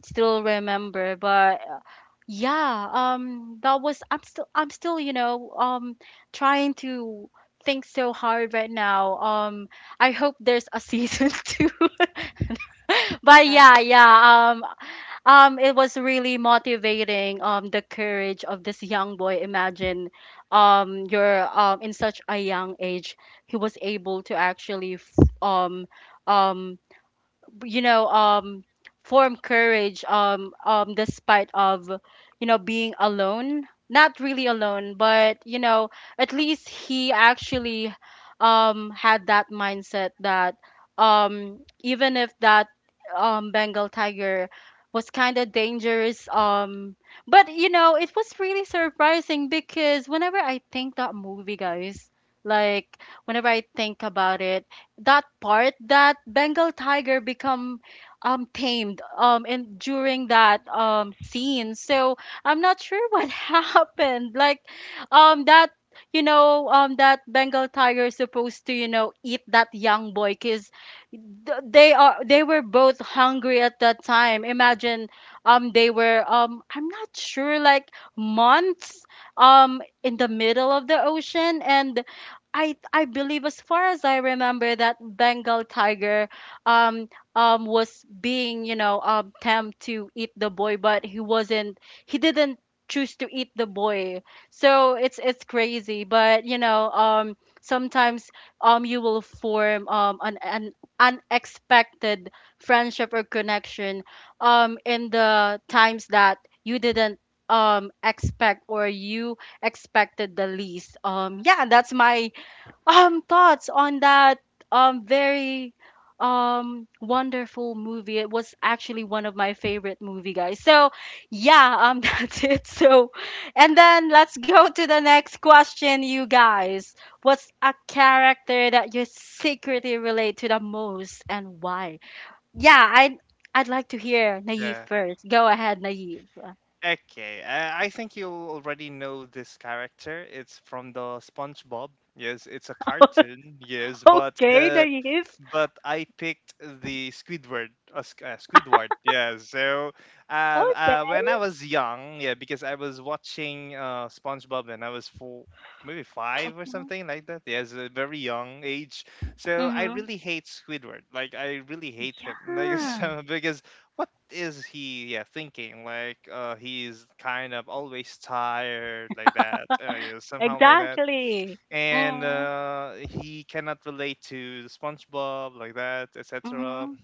[SPEAKER 1] still remember, but yeah, that was, I'm still, you know, trying to think so hard right now. I hope there's a season *laughs* two.
[SPEAKER 3] Uh-huh.
[SPEAKER 1] But yeah, yeah, it was really motivating, the courage of this young boy. Imagine you're in such a young age he was able to actually um um you know um form courage, despite of, you know, being alone, not really alone, but you know, at least he actually had that mindset that even if that Bengal tiger was kind of dangerous, but you know it was really surprising because whenever I think that movie, guys, like whenever I think about it, that part, that Bengal tiger become tamed in during that scene. So I'm not sure what *laughs* happened. Like that you know that Bengal tiger is supposed to, you know, eat that young boy, because they were both hungry at that time. Imagine they were, I'm not sure, like months in the middle of the ocean, and I believe as far as I remember that Bengal tiger um was being, you know, tempted to eat the boy, but he wasn't, he didn't choose to eat the boy. So it's crazy, but you know, sometimes you will form an unexpected friendship or connection in the times that you didn't expect, or you expected the least. Yeah, that's my thoughts on that very wonderful movie. It was actually one of my favorite movie, guys. So yeah, *laughs* that's it. So and then let's go to the next question, you guys. What's a character that you secretly relate to the most and why? Yeah i'd i'd like to hear Naive
[SPEAKER 2] Nice.
[SPEAKER 1] first. Go ahead, Naive. *laughs*
[SPEAKER 2] Okay, I think you already know this character. It's from the SpongeBob. Yes, it's a cartoon. Yes, but
[SPEAKER 1] Okay,
[SPEAKER 2] uh,
[SPEAKER 1] Naive.
[SPEAKER 2] but I picked the Squidward. Squidward, yeah. So,
[SPEAKER 1] Okay.
[SPEAKER 2] when I was young, yeah, because I was watching SpongeBob, and I was four, maybe five or something like that. Yeah, it's a very young age. So I
[SPEAKER 1] Mm-hmm.
[SPEAKER 2] really hate Squidward. Like, I really hate him. Like, *laughs*
[SPEAKER 1] Yeah.
[SPEAKER 2] so, because what is he? Yeah, thinking like, he's kind of always tired, like that. Yeah, somehow like that.
[SPEAKER 1] Exactly.
[SPEAKER 2] And
[SPEAKER 1] Mm.
[SPEAKER 2] he cannot relate to the SpongeBob like that, etc.
[SPEAKER 1] Mhm,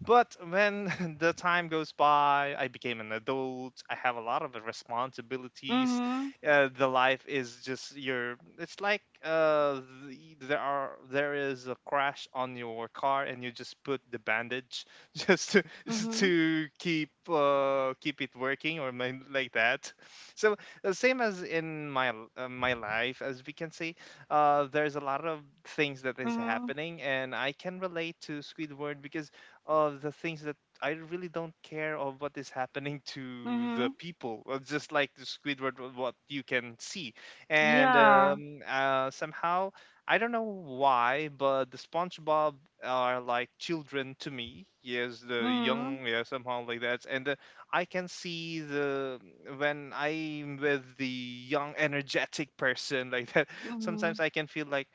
[SPEAKER 2] But when *laughs* the time goes by, I became an adult. I have a lot of responsibilities.
[SPEAKER 1] mhm,
[SPEAKER 2] The life is just your. It's like there are there is a crash on your car, and you just put the bandage *laughs* just to *laughs*
[SPEAKER 1] mhm,
[SPEAKER 2] to keep keep it working or like that. So the same as in my my life, as we can see, there's a lot of things that is
[SPEAKER 1] mhm,
[SPEAKER 2] happening, and I can relate to Squidward because of the things that I really don't care of what is happening *laughs* to the
[SPEAKER 1] mhm.
[SPEAKER 2] people, just like the Squidward, what you can see. And
[SPEAKER 1] Yeah.
[SPEAKER 2] somehow, I don't know why, but the SpongeBob are like children to me. Yes, the
[SPEAKER 1] Mhm,
[SPEAKER 2] young, yeah, somehow like that. And I can see the when I'm with the young, energetic person like that. *laughs* Sometimes
[SPEAKER 1] mhm,
[SPEAKER 2] I can feel like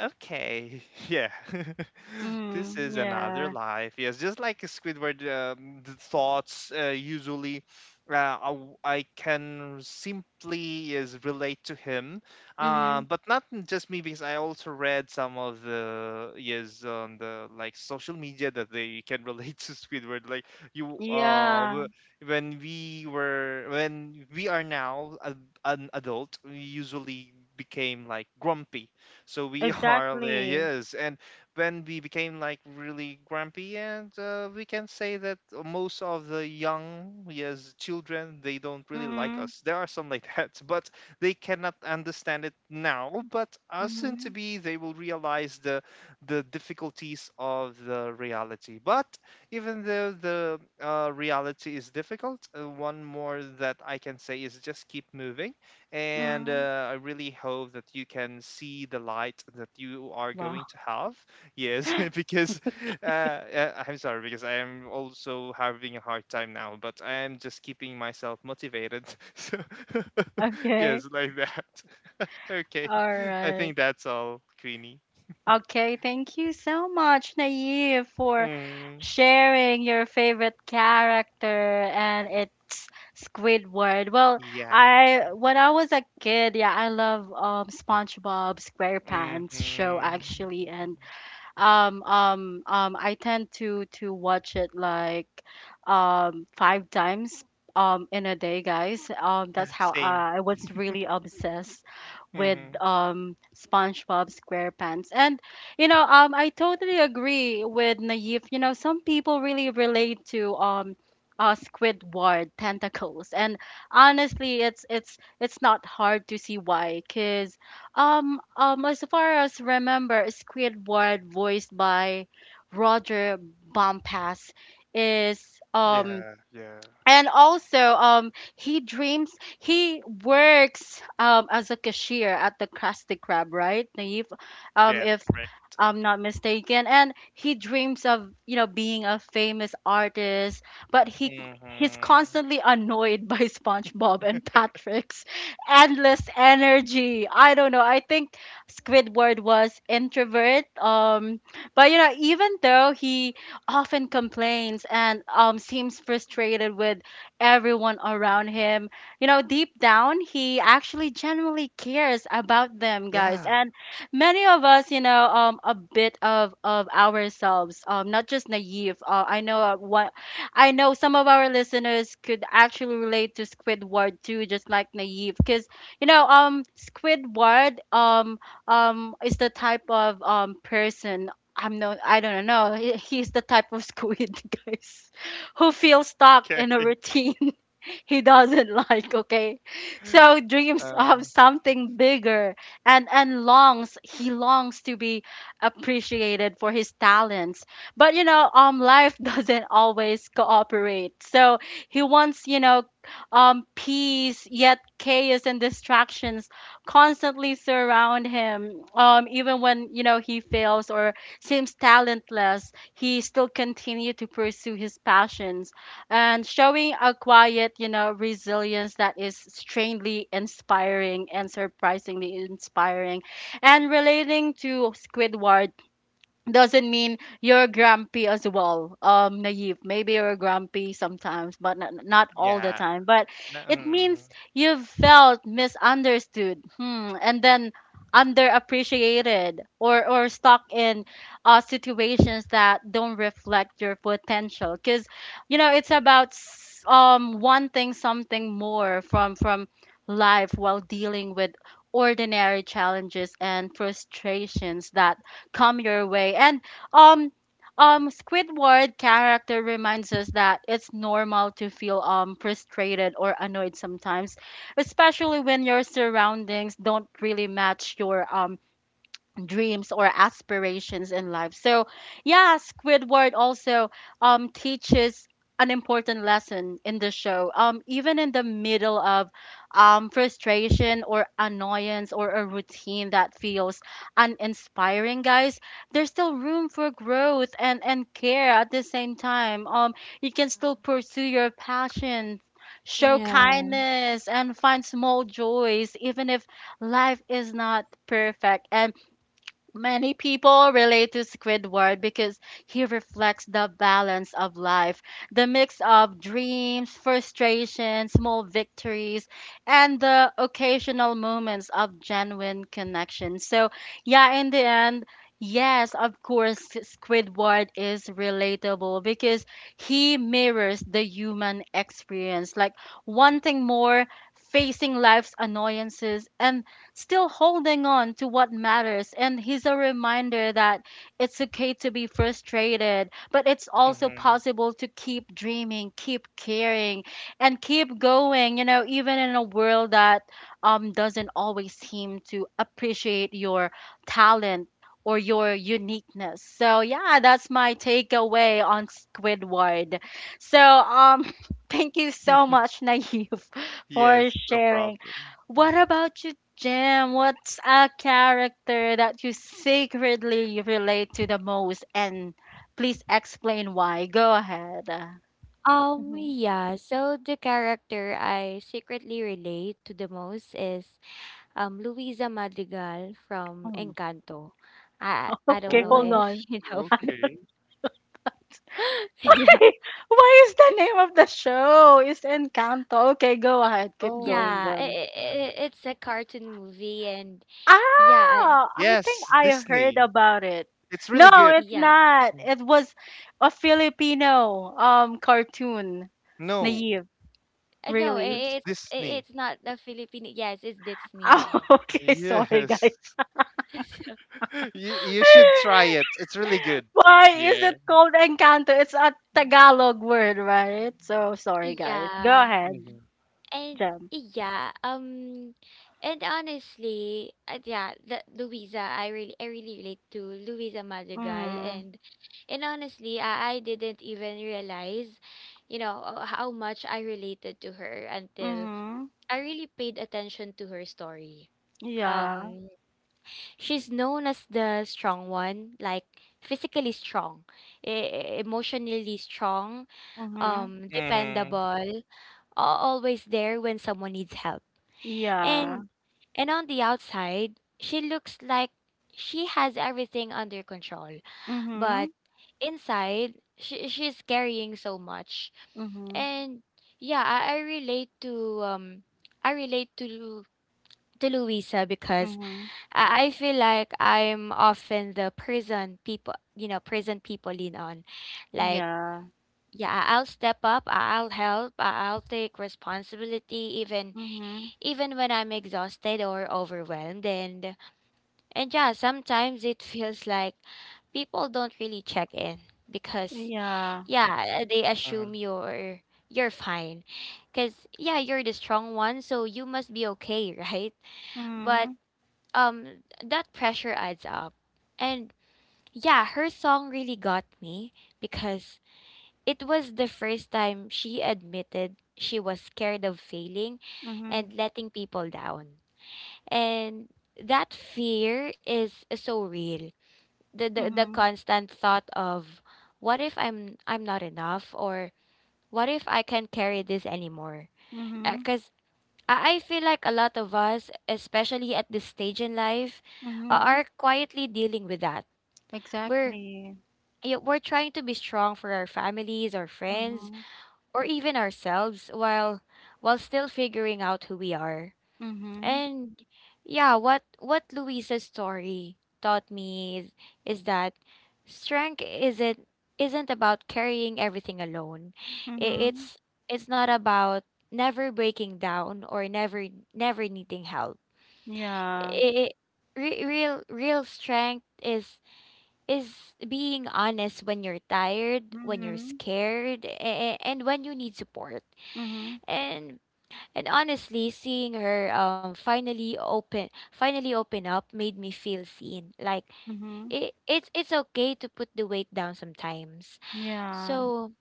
[SPEAKER 2] okay, *laughs* yeah. *laughs* This
[SPEAKER 1] mhm.
[SPEAKER 2] is another
[SPEAKER 1] Yeah.
[SPEAKER 2] life. Yes, just like Squidward, the thoughts usually I can simply is relate to him,
[SPEAKER 1] Mhm.
[SPEAKER 2] but not just me because I also read some of the yes on the like social media that they can *laughs* relate to Squidward. Like you, uh,
[SPEAKER 1] Yeah.
[SPEAKER 2] w- when we were when we are now a, an adult, we usually became like grumpy so we *laughs* are,
[SPEAKER 1] Exactly.
[SPEAKER 2] yes. And when we became like really grumpy, and we can say that most of the young, yes, children, they don't really like
[SPEAKER 1] Mhm,
[SPEAKER 2] us. There are some like *laughs* that, but they cannot understand it now. But soon to
[SPEAKER 1] mhm,
[SPEAKER 2] be, they will realize the difficulties of the reality. But even though the reality is difficult, one more that I can say is just keep moving and
[SPEAKER 1] mhm.
[SPEAKER 2] I really hope that you can see the light that you are
[SPEAKER 1] Wow.
[SPEAKER 2] going to
[SPEAKER 1] *laughs*
[SPEAKER 2] have. Yes, *laughs* because I'm sorry, because I am also having a hard time now, but I am just keeping myself motivated. *laughs* So, *laughs*
[SPEAKER 1] Okay.
[SPEAKER 2] yes, like that. *laughs* Okay,
[SPEAKER 1] All
[SPEAKER 2] I
[SPEAKER 1] right.
[SPEAKER 2] think that's all, Queenie.
[SPEAKER 1] Okay, thank you so much, Naive, for
[SPEAKER 2] Mm,
[SPEAKER 1] sharing your favorite character, and it's Squidward. Well,
[SPEAKER 2] yeah.
[SPEAKER 1] I, when I was a kid, yeah, I love SpongeBob SquarePants show
[SPEAKER 2] Mm-hmm.
[SPEAKER 1] actually, and I tend to watch it like 5 times in a day, guys.
[SPEAKER 2] Yeah,
[SPEAKER 1] That's how
[SPEAKER 2] same.
[SPEAKER 1] I was really obsessed with
[SPEAKER 2] Mm-hmm.
[SPEAKER 1] SpongeBob SquarePants. And you know, I totally agree with Naive. You know, some people really relate to. Squidward Tentacles, and honestly, it's not hard to see why, cause as far as remember, Squidward, voiced by Roger Bompass, is um
[SPEAKER 2] Yeah, yeah.
[SPEAKER 1] and also he dreams, he works as a cashier at the Krusty Krab, right, Naive?
[SPEAKER 2] Yes,
[SPEAKER 1] If
[SPEAKER 2] correct.
[SPEAKER 1] I'm not mistaken. And he dreams of, you know, being a famous artist, but he's
[SPEAKER 2] Mm-hmm.
[SPEAKER 1] constantly annoyed *laughs* by SpongeBob and Patrick's endless energy. I don't know, I think Squidward was introvert, but you know, even though he often complains and, seems frustrated with everyone around him. You know, deep down, he actually genuinely cares about them, guys.
[SPEAKER 2] Yeah.
[SPEAKER 1] And many of us, you know, a bit of ourselves, not just Naive. I know, what I know, some of our listeners could actually relate to Squidward too, just like Naive, because you know, Squidward, is the type of person, I don't know. He's the type of squid, *laughs* guys, who feels stuck
[SPEAKER 2] Okay.
[SPEAKER 1] in a routine *laughs* he doesn't like, okay? So dreams of
[SPEAKER 2] Uh,
[SPEAKER 1] something bigger and longs he longs to be appreciated for his talents. But life *laughs* doesn't always cooperate. So he wants, peace, yet chaos and distractions constantly surround him. Even when, he fails or seems talentless, he still continue to pursue his passions and showing a quiet, resilience that is strangely inspiring and surprisingly inspiring. And relating to Squidward doesn't mean you're grumpy as well, Naive. Maybe you're grumpy sometimes but not all the
[SPEAKER 2] yeah.
[SPEAKER 1] time, but
[SPEAKER 2] No,
[SPEAKER 1] it
[SPEAKER 2] mhm,
[SPEAKER 1] means you felt misunderstood, hmm, and then underappreciated or stuck in situations that don't reflect your potential because you know it's about wanting something more from life while dealing with ordinary challenges and frustrations that come your way. And um Squidward character reminds us that it's normal to feel frustrated or annoyed sometimes, especially when your surroundings don't really match your dreams or aspirations in life. So, yeah, Squidward also teaches an important lesson in the show. Even in the middle of frustration or annoyance or a routine that feels uninspiring, guys, there's still room for growth and care at the same time. You can still pursue your passions, show
[SPEAKER 3] Yeah.
[SPEAKER 1] kindness, and find small joys, even if life is not perfect. And many people relate to Squidward because he reflects the balance of life, the mix of dreams, frustrations, small victories, and the occasional moments of genuine connection. So, yeah, in the end, yes, of course, Squidward is relatable because he mirrors the human experience, like wanting more, facing life's annoyances, and still holding on to what matters. And he's a reminder that it's okay to be frustrated, but it's also
[SPEAKER 2] mhm.
[SPEAKER 1] possible to keep dreaming, keep caring, and keep going, you know, even in a world that doesn't always seem to appreciate your talent or your uniqueness. So yeah, that's my takeaway on Squidward. So *laughs* thank you so much, Naive, *laughs* for
[SPEAKER 2] Yes, no
[SPEAKER 1] sharing.
[SPEAKER 2] problem.
[SPEAKER 1] What
[SPEAKER 2] Mm.
[SPEAKER 1] about you, Jim, what's a character that you secretly relate to the most? And please explain why. Go ahead. Mhm.
[SPEAKER 3] Yeah, so the character I secretly relate to the most is Luisa Madrigal from
[SPEAKER 1] Mm.
[SPEAKER 3] Encanto. I don't
[SPEAKER 1] Okay,
[SPEAKER 3] know
[SPEAKER 1] hold
[SPEAKER 2] Oh,
[SPEAKER 3] if
[SPEAKER 1] on.
[SPEAKER 3] *laughs* you know
[SPEAKER 2] okay.
[SPEAKER 3] *laughs* Yeah,
[SPEAKER 1] *laughs* Why is the name of the show? Is Encanto. Okay, go ahead. Keep
[SPEAKER 2] Oh,
[SPEAKER 1] going,
[SPEAKER 3] yeah,
[SPEAKER 1] Jim.
[SPEAKER 3] It
[SPEAKER 2] mm,
[SPEAKER 3] it i- it's a cartoon movie, and yeah, I,
[SPEAKER 1] Ah, I think
[SPEAKER 2] yes,
[SPEAKER 1] I heard
[SPEAKER 2] Disney.
[SPEAKER 1] about it.
[SPEAKER 2] It's
[SPEAKER 1] No,
[SPEAKER 2] really good.
[SPEAKER 1] it's
[SPEAKER 3] yeah,
[SPEAKER 1] not. It was a Filipino cartoon.
[SPEAKER 2] No,
[SPEAKER 1] Naive,
[SPEAKER 3] No,
[SPEAKER 1] really.
[SPEAKER 2] it's
[SPEAKER 3] I-
[SPEAKER 2] Disney.
[SPEAKER 3] it's not the Filipino. Yes, it's
[SPEAKER 1] *laughs*
[SPEAKER 3] Disney.
[SPEAKER 1] Oh, okay, sorry guys.
[SPEAKER 2] Yes.
[SPEAKER 3] *laughs* So,
[SPEAKER 2] *laughs* You
[SPEAKER 3] *laughs*
[SPEAKER 2] should try it. It's really
[SPEAKER 1] *laughs*
[SPEAKER 2] good.
[SPEAKER 1] Why is
[SPEAKER 2] Yeah.
[SPEAKER 1] it called Encanto? It's a Tagalog word, right? So sorry, guys. Go
[SPEAKER 3] yeah,
[SPEAKER 1] ahead,
[SPEAKER 2] Mm-hmm.
[SPEAKER 3] and
[SPEAKER 1] Jem.
[SPEAKER 3] yeah, um, and honestly, yeah, the Louisa, I really relate to Louisa Madrigal,
[SPEAKER 1] Mm.
[SPEAKER 3] and honestly, I didn't even realize, how much I related to her until
[SPEAKER 1] Mhm.
[SPEAKER 3] I really paid attention to her story.
[SPEAKER 1] Yeah.
[SPEAKER 3] Um, she's known as the strong one, like physically strong, emotionally strong,
[SPEAKER 1] Mhm.
[SPEAKER 2] Mm-hmm.
[SPEAKER 3] dependable, always there when someone needs help.
[SPEAKER 1] Yeah.
[SPEAKER 3] And and on the outside, she looks like she has everything under control, but
[SPEAKER 1] Mhm.
[SPEAKER 3] inside, she's carrying so much,
[SPEAKER 1] Mhm.
[SPEAKER 3] and yeah, I relate to i relate to to Louisa because
[SPEAKER 1] Mhm.
[SPEAKER 3] I feel like I'm often the person people lean on. Like,
[SPEAKER 1] Yeah.
[SPEAKER 3] yeah, I'll step up, I'll help, I'll take responsibility
[SPEAKER 1] Mhm.
[SPEAKER 3] even when I'm exhausted or overwhelmed, and yeah, sometimes it *laughs* feels like people don't really check in because
[SPEAKER 1] Yeah.
[SPEAKER 3] yeah, they assume
[SPEAKER 2] Hmm.
[SPEAKER 3] you're fine. Cuz yeah, you're the strong one, so you must be okay, *laughs* right? But
[SPEAKER 1] Mhm.
[SPEAKER 3] um that pressure adds up. And yeah, her song really got me because it was the first time she admitted she was scared of failing
[SPEAKER 1] Mhm.
[SPEAKER 3] and letting people down. And that fear is so real. The
[SPEAKER 1] Mhm.
[SPEAKER 3] constant thought of what if I'm not enough, or what if I can't carry this anymore?
[SPEAKER 1] Mhm.
[SPEAKER 3] Because I feel like a lot of us, especially at this stage in life,
[SPEAKER 1] Mhm.
[SPEAKER 3] are quietly dealing with that. We're
[SPEAKER 1] Exactly.
[SPEAKER 3] Yeah, we're trying to be strong for our families, our friends,
[SPEAKER 1] Mhm.
[SPEAKER 3] or even ourselves while still figuring out who we are.
[SPEAKER 1] Mhm.
[SPEAKER 3] And yeah, what Luisa's story taught me is that strength isn't about carrying everything alone. I-
[SPEAKER 1] Mhm.
[SPEAKER 3] It's it's not about never breaking down, or never needing help.
[SPEAKER 1] Yeah.
[SPEAKER 3] i- Real real strength is being honest when you're tired, when you're
[SPEAKER 1] Mhm.
[SPEAKER 3] scared, and when you need support.
[SPEAKER 1] Mhm.
[SPEAKER 3] And and honestly, seeing her finally open up made me feel seen. Like
[SPEAKER 1] Mhm.
[SPEAKER 3] it's okay to put the weight down sometimes.
[SPEAKER 1] Yeah.
[SPEAKER 3] So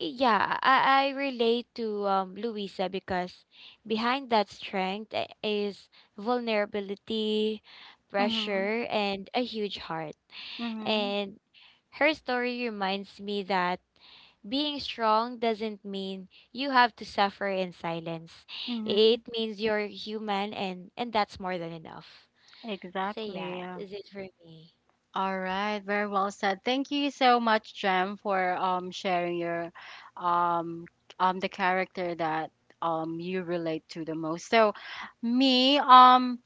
[SPEAKER 3] yeah, I relate to Louisa because behind that strength is vulnerability,
[SPEAKER 1] Mhm.
[SPEAKER 3] pressure, and a huge heart.
[SPEAKER 1] Mm-hmm.
[SPEAKER 3] And her story reminds me that being strong doesn't mean you have to suffer in silence.
[SPEAKER 1] Mm-hmm.
[SPEAKER 3] It means you're human, and that's more than enough. So, yeah,
[SPEAKER 1] Exactly. Yeah.
[SPEAKER 3] is it for me?
[SPEAKER 1] All right. Very well said. Thank you so much, Jem, for sharing your um the character that you relate to the most. So me,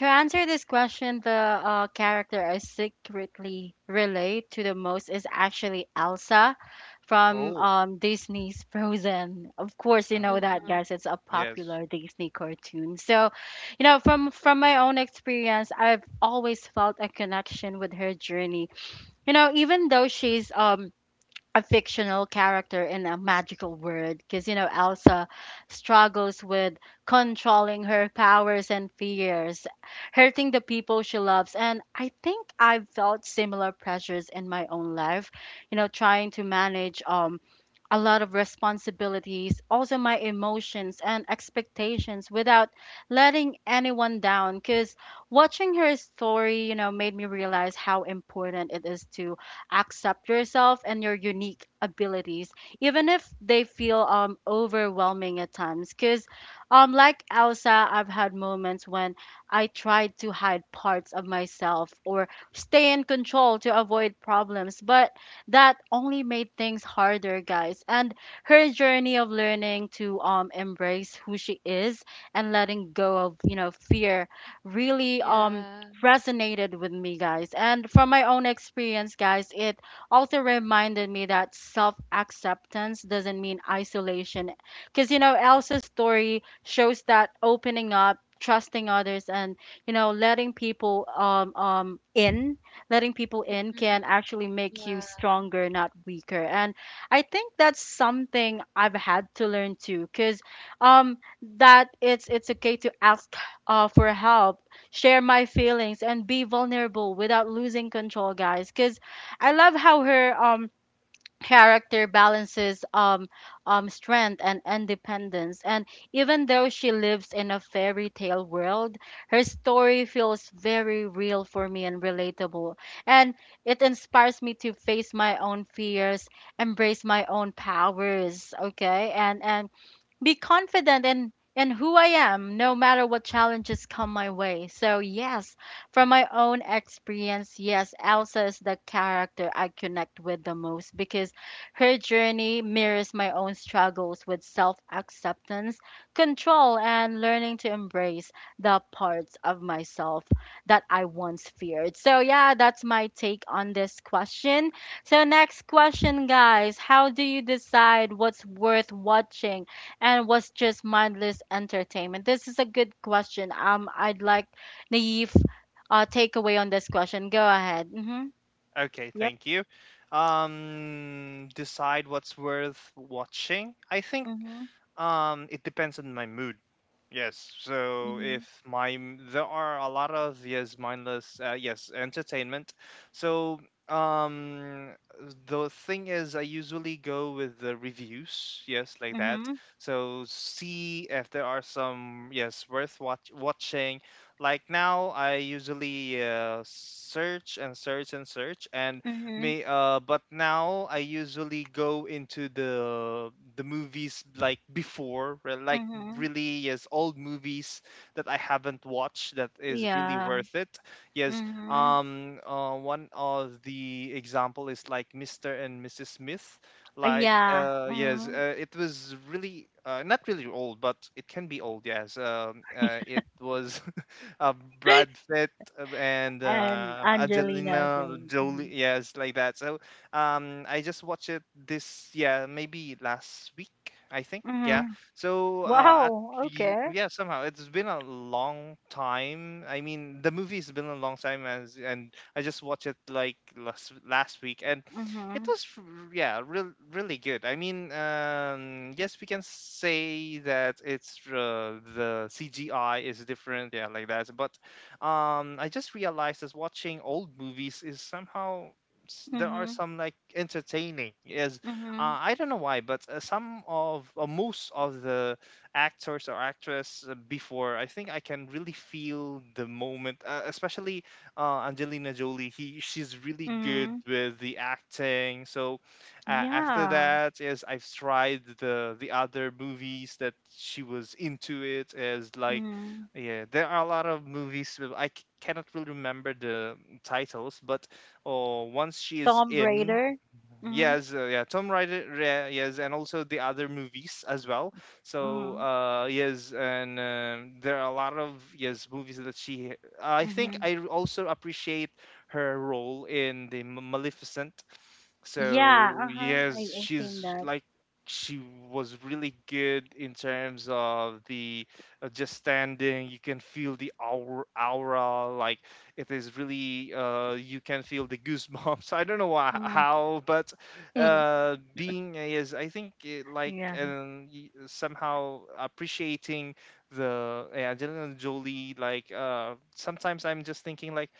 [SPEAKER 1] to answer this question, the character I secretly relate to the most is actually Elsa from
[SPEAKER 2] Oh.
[SPEAKER 1] Disney's Frozen. Of course, you
[SPEAKER 2] Mm,
[SPEAKER 1] know that,
[SPEAKER 3] Mm-hmm.
[SPEAKER 1] guys. It's a
[SPEAKER 2] yes.
[SPEAKER 1] popular Disney cartoon. So, you know, from my own experience, I've always felt a connection with her journey. You know, even though she's a fictional character in a magical world, because you know Elsa struggles with controlling her powers and fears, hurting the people she loves. And I think I've felt similar pressures in my own life, you know, trying to manage a lot of responsibilities, also my emotions and expectations without letting anyone down. Because watching her story, you know, made me realize how important it is to accept yourself and your unique abilities, even if they feel overwhelming at times. Because, like Elsa, I've had moments when I tried to hide parts of myself or stay in control to avoid problems, but that only made things harder, guys. And her journey of learning to embrace who she is and letting go of, you know, fear really
[SPEAKER 3] Yeah.
[SPEAKER 1] resonated with me, guys, and from my own experience, guys, it also reminded me that self-acceptance doesn't mean isolation, because you know Elsa's story shows that opening up, trusting others, and you know letting people in
[SPEAKER 3] Mm.
[SPEAKER 1] can actually make you
[SPEAKER 3] Yeah.
[SPEAKER 1] stronger, not weaker. And I think that's something I've had to learn too, because um, that it's okay to ask for help, share my feelings, and be vulnerable without losing control, guys. Because I love how her character balances strength and independence. And even though she lives in a fairy tale world, her story feels very real for me and relatable. And it inspires me to face my own fears, embrace my own powers, okay, and be confident in who I am no matter what challenges come my way. So yes, from my own experience, yes, Elsa is the character I connect with the most because her journey mirrors my own struggles with self-acceptance, control, and learning to embrace the parts of myself that I once feared. So yeah, that's my take on this question. So, next question, guys. How do you decide what's worth watching and was just mindless entertainment? This is a good question. I'd like Naive takeaway on this question. Go ahead. Mm-hmm.
[SPEAKER 2] Okay,
[SPEAKER 1] Yep.
[SPEAKER 2] thank you. Decide what's worth watching. I think
[SPEAKER 1] Mm-hmm.
[SPEAKER 2] It depends on my mood. Yes. So
[SPEAKER 1] Mm-hmm.
[SPEAKER 2] if my there are a lot of yes mindless yes entertainment. So um the thing is I usually go with the reviews, yes, like that.
[SPEAKER 1] Mm-hmm.
[SPEAKER 2] So see if there are some yes worth watching. Like now I usually search and search and search and
[SPEAKER 1] Mm-hmm.
[SPEAKER 2] may but now I usually go into the movies like before, like
[SPEAKER 1] Mm-hmm.
[SPEAKER 2] really yes, old movies that I haven't watched that is really
[SPEAKER 1] Yeah.
[SPEAKER 2] worth it. Yes,
[SPEAKER 1] Mm-hmm.
[SPEAKER 2] one of the example is like Mr. and Mrs. Smith. Like
[SPEAKER 1] Yeah. Mm-hmm.
[SPEAKER 2] it was really not really old, but it can be old. Yes, it was uh, Brad
[SPEAKER 1] *laughs*
[SPEAKER 2] Pitt uh, and
[SPEAKER 1] And
[SPEAKER 2] uh,
[SPEAKER 1] Angelina
[SPEAKER 2] Angelina
[SPEAKER 1] Jolie. Hmm.
[SPEAKER 2] Jolie, yes, like that. So I just watched it this, yeah, maybe last week, I think. Yeah.
[SPEAKER 1] Mm-hmm.
[SPEAKER 2] So
[SPEAKER 1] Wow. Okay.
[SPEAKER 2] yeah, somehow it's been a long time. I mean, the movie's been a long time as, and I just watched it like last last week, and it
[SPEAKER 1] Mm-hmm.
[SPEAKER 2] was, yeah, real, really good. I mean, yes, we can say that it's the CGI is different, yeah, like that. But I just realized that watching old movies is somehow there are
[SPEAKER 1] Mm-hmm.
[SPEAKER 2] some like entertaining. Is
[SPEAKER 1] Mm-hmm.
[SPEAKER 2] I don't know why, but some of most of the actors or actress before, I think I can really feel the moment, especially Angelina Jolie. He she's really good
[SPEAKER 1] Mm-hmm.
[SPEAKER 2] with the acting. So after
[SPEAKER 1] Yeah.
[SPEAKER 2] that, yes, I've tried the other movies that she was into. It as like
[SPEAKER 1] Mm-hmm.
[SPEAKER 2] yeah, there are a lot of movies. Cannot really remember the titles, but oh, once she is
[SPEAKER 1] Tom
[SPEAKER 2] in.
[SPEAKER 1] Raider. Mm-hmm.
[SPEAKER 2] Yes, yeah, Tomb Raider, yeah, yes, and also the other movies as well. So,
[SPEAKER 1] Mm-hmm.
[SPEAKER 2] yes, and there are a lot of yes movies that she. I think
[SPEAKER 1] Mm-hmm.
[SPEAKER 2] I also appreciate her role in the Maleficent
[SPEAKER 1] Yeah,
[SPEAKER 2] so
[SPEAKER 1] uh-huh.
[SPEAKER 2] yes,
[SPEAKER 1] I've seen
[SPEAKER 2] she's
[SPEAKER 1] that.
[SPEAKER 2] like she was really good in terms of the just standing. You can feel the aura, aura like it is really. You can feel the goosebumps. *laughs* I don't know why,
[SPEAKER 1] Mm.
[SPEAKER 2] how, but
[SPEAKER 1] *laughs*
[SPEAKER 2] being is I think it, like
[SPEAKER 1] Yeah.
[SPEAKER 2] somehow appreciating Angelina Jolie. Like sometimes I'm just thinking like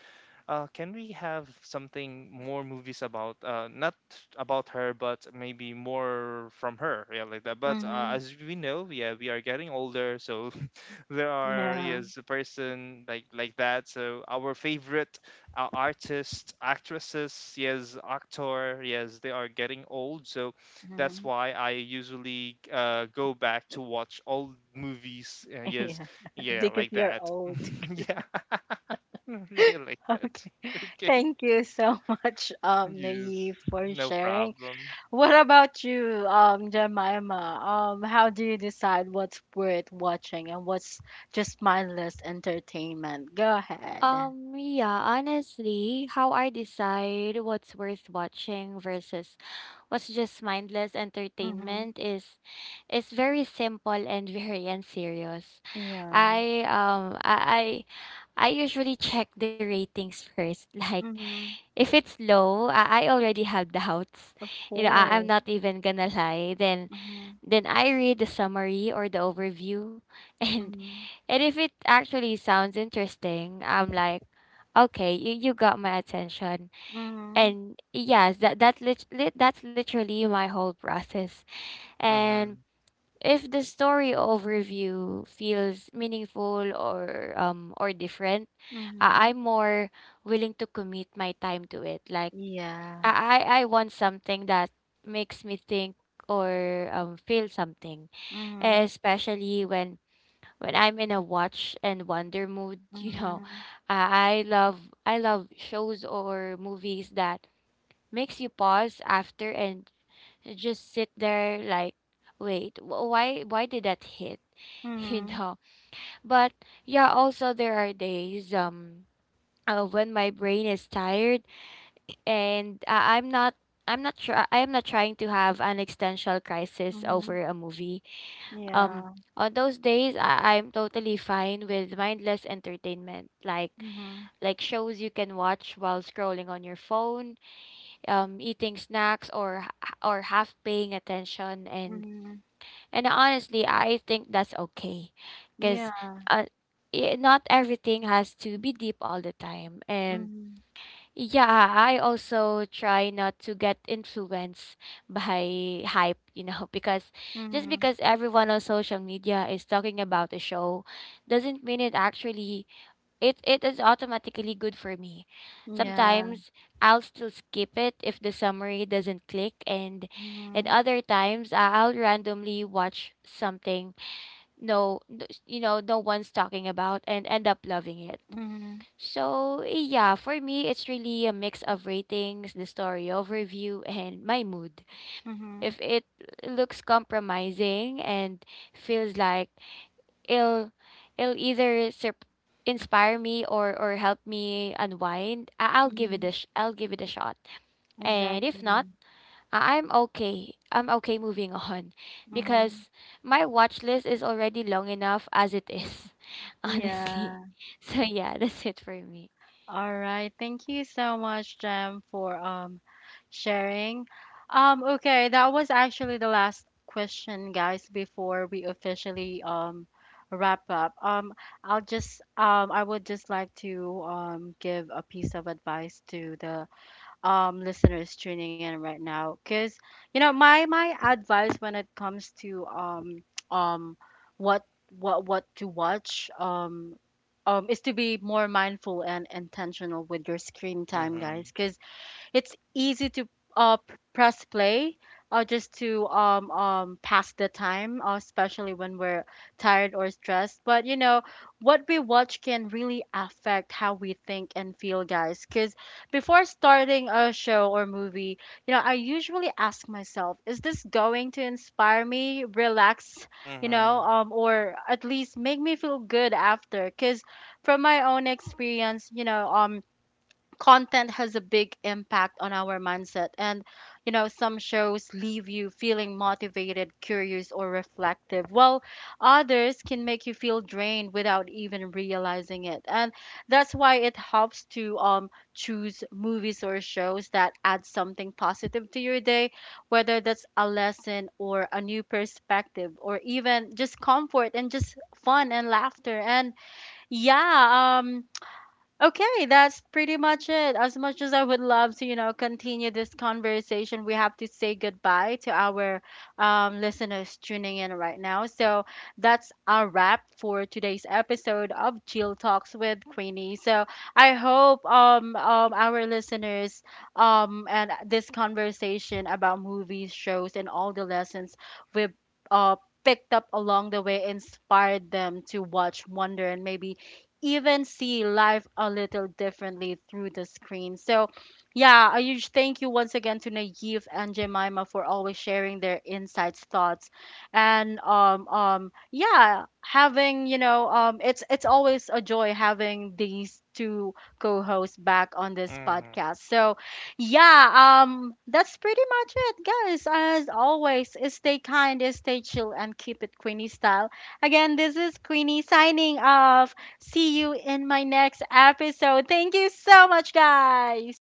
[SPEAKER 2] can we have something more movies about not about her, but maybe more from her, yeah, like that. But
[SPEAKER 1] Mm-hmm.
[SPEAKER 2] as we know, yeah, we are getting older, so *laughs* there are
[SPEAKER 1] Yeah.
[SPEAKER 2] yes a person like that. So our favorite artists, actresses, yes, actor, yes, they are getting old. So that's
[SPEAKER 1] Mm-hmm.
[SPEAKER 2] why I usually go back to watch old movies.
[SPEAKER 1] *laughs*
[SPEAKER 2] Yes,
[SPEAKER 1] Yeah. *laughs*
[SPEAKER 2] yeah,
[SPEAKER 1] Because
[SPEAKER 2] like
[SPEAKER 1] you're
[SPEAKER 2] that.
[SPEAKER 1] old.
[SPEAKER 2] *laughs* yeah. *laughs* Really?
[SPEAKER 1] *laughs*
[SPEAKER 2] That's
[SPEAKER 1] Okay.
[SPEAKER 2] okay.
[SPEAKER 1] Thank you so *laughs* much,
[SPEAKER 2] Yes.
[SPEAKER 1] Naive, for
[SPEAKER 2] No
[SPEAKER 1] sharing.
[SPEAKER 2] problem.
[SPEAKER 1] What about you, Jemima? How do you decide what's worth watching and what's just mindless entertainment? Go ahead.
[SPEAKER 3] Yeah, honestly, how I decide what's worth watching versus what's just mindless
[SPEAKER 1] Mm-hmm.
[SPEAKER 3] entertainment is very simple and *laughs* very unserious.
[SPEAKER 1] Yeah.
[SPEAKER 3] I um I I usually check the ratings first. *laughs* Like
[SPEAKER 1] Mm-hmm.
[SPEAKER 3] if it's low, I already have *laughs* doubts.
[SPEAKER 1] Of
[SPEAKER 3] You know, I'm
[SPEAKER 1] course.
[SPEAKER 3] not even gonna lie. Then
[SPEAKER 1] Mm-hmm.
[SPEAKER 3] I read the summary or the overview *laughs* and
[SPEAKER 1] Mm-hmm.
[SPEAKER 3] and if it actually sounds interesting, I'm like, okay, you got my attention.
[SPEAKER 1] Mm-hmm.
[SPEAKER 3] And yes, that's literally my whole process. And
[SPEAKER 2] Mhm.
[SPEAKER 3] if the story overview feels meaningful or different, I'm
[SPEAKER 1] Mm-hmm.
[SPEAKER 3] more willing to commit my time to it. Like
[SPEAKER 1] Yeah.
[SPEAKER 3] I want something that makes me think or feel something,
[SPEAKER 1] Mhm.
[SPEAKER 3] especially when I'm in a watch and wonder mood, *laughs* you know,
[SPEAKER 1] Mhm.
[SPEAKER 3] I I love I love shows or movies that makes you pause after and just sit there like, wait, why did that hit? *laughs* You
[SPEAKER 1] Mhm.
[SPEAKER 3] know. But yeah, also there are days when my brain is tired, and I'm not sure. I am not trying to have an existential crisis
[SPEAKER 1] Mhm.
[SPEAKER 3] over a movie. um
[SPEAKER 1] Yeah.
[SPEAKER 3] on those days I'm totally fine with mindless entertainment, like
[SPEAKER 1] Mhm.
[SPEAKER 3] shows you can watch while scrolling on your phone, eating snacks, or half paying attention,
[SPEAKER 1] Mhm.
[SPEAKER 3] and honestly I think that's okay because
[SPEAKER 1] Yeah.
[SPEAKER 3] uh, not everything has to be deep all the time. And
[SPEAKER 1] Mhm.
[SPEAKER 3] yeah, I also try not to get influenced *laughs* by hype, you know, *laughs* because just
[SPEAKER 1] Mhm.
[SPEAKER 3] because everyone on social media is talking about a show doesn't mean it actually it it is automatically good for me.
[SPEAKER 1] Yeah.
[SPEAKER 3] Sometimes I'll still skip it if the summary doesn't click, and at
[SPEAKER 1] Mhm.
[SPEAKER 3] other times I'll randomly watch something no no one's talking about and end up loving it.
[SPEAKER 1] Mhm.
[SPEAKER 3] So, yeah, for me, it's really a mix of ratings, the story overview, *laughs* and my mood.
[SPEAKER 1] Mhm.
[SPEAKER 3] If it looks compromising and feels like it'll, it'll either inspire me, or help me unwind,
[SPEAKER 1] Mhm.
[SPEAKER 3] I'll give it a shot. And if not,
[SPEAKER 1] Exactly.
[SPEAKER 3] I'm okay. I'm okay moving *laughs* on
[SPEAKER 1] Mhm.
[SPEAKER 3] because my watch list is already long enough as it is, *laughs* honestly.
[SPEAKER 1] Yeah.
[SPEAKER 3] So, yeah, *laughs* that's it for me.
[SPEAKER 1] All right. Thank you so much, Jem, for sharing. Okay, that was actually the last question, guys, before we officially wrap up. I'll just I would just like to give a piece of advice to the listeners tuning in right now. Because you know, my advice when it comes to um what what to watch is to be more mindful and intentional with your screen time,
[SPEAKER 2] Mhm.
[SPEAKER 1] guys. Because it's easy to press play just to pass the time, especially when we're tired or stressed. But you know, what we watch can really affect how we think and feel, guys. Because before starting a show or movie, you know, I usually ask myself, is this going to inspire me, relax, you know,
[SPEAKER 2] Mhm.
[SPEAKER 1] or at least make me feel good after? Because from my own experience, you know, content has a big impact on our mindset, and you know some shows leave you feeling motivated, curious, or reflective, while others can make you feel drained without even realizing it. And that's why it helps to choose movies or shows that add something positive to your day, whether that's a lesson or a new perspective or even just comfort and just fun and laughter. And yeah, okay, that's pretty much it. As much as I would love to, you know, continue this conversation, we have to say goodbye to our listeners tuning in right now. So that's a wrap for today's episode of Jill Talks with Queenie. So I hope our listeners and this conversation about movies, shows, and all the lessons we've uh, picked up along the way inspired them to watch, wonder, and maybe even see life a little differently through the screen. So, yeah, a huge thank you once again to Naive and Jemima for always sharing their insights, thoughts, and yeah, having you know it's always a joy having these two co-hosts back on this
[SPEAKER 2] Mhm.
[SPEAKER 1] podcast. So, yeah, that's pretty much it, guys. As always, stay kind, stay chill, and keep it Queenie style. Again, this is Queenie signing off. See you in my next episode. Thank you so much, guys.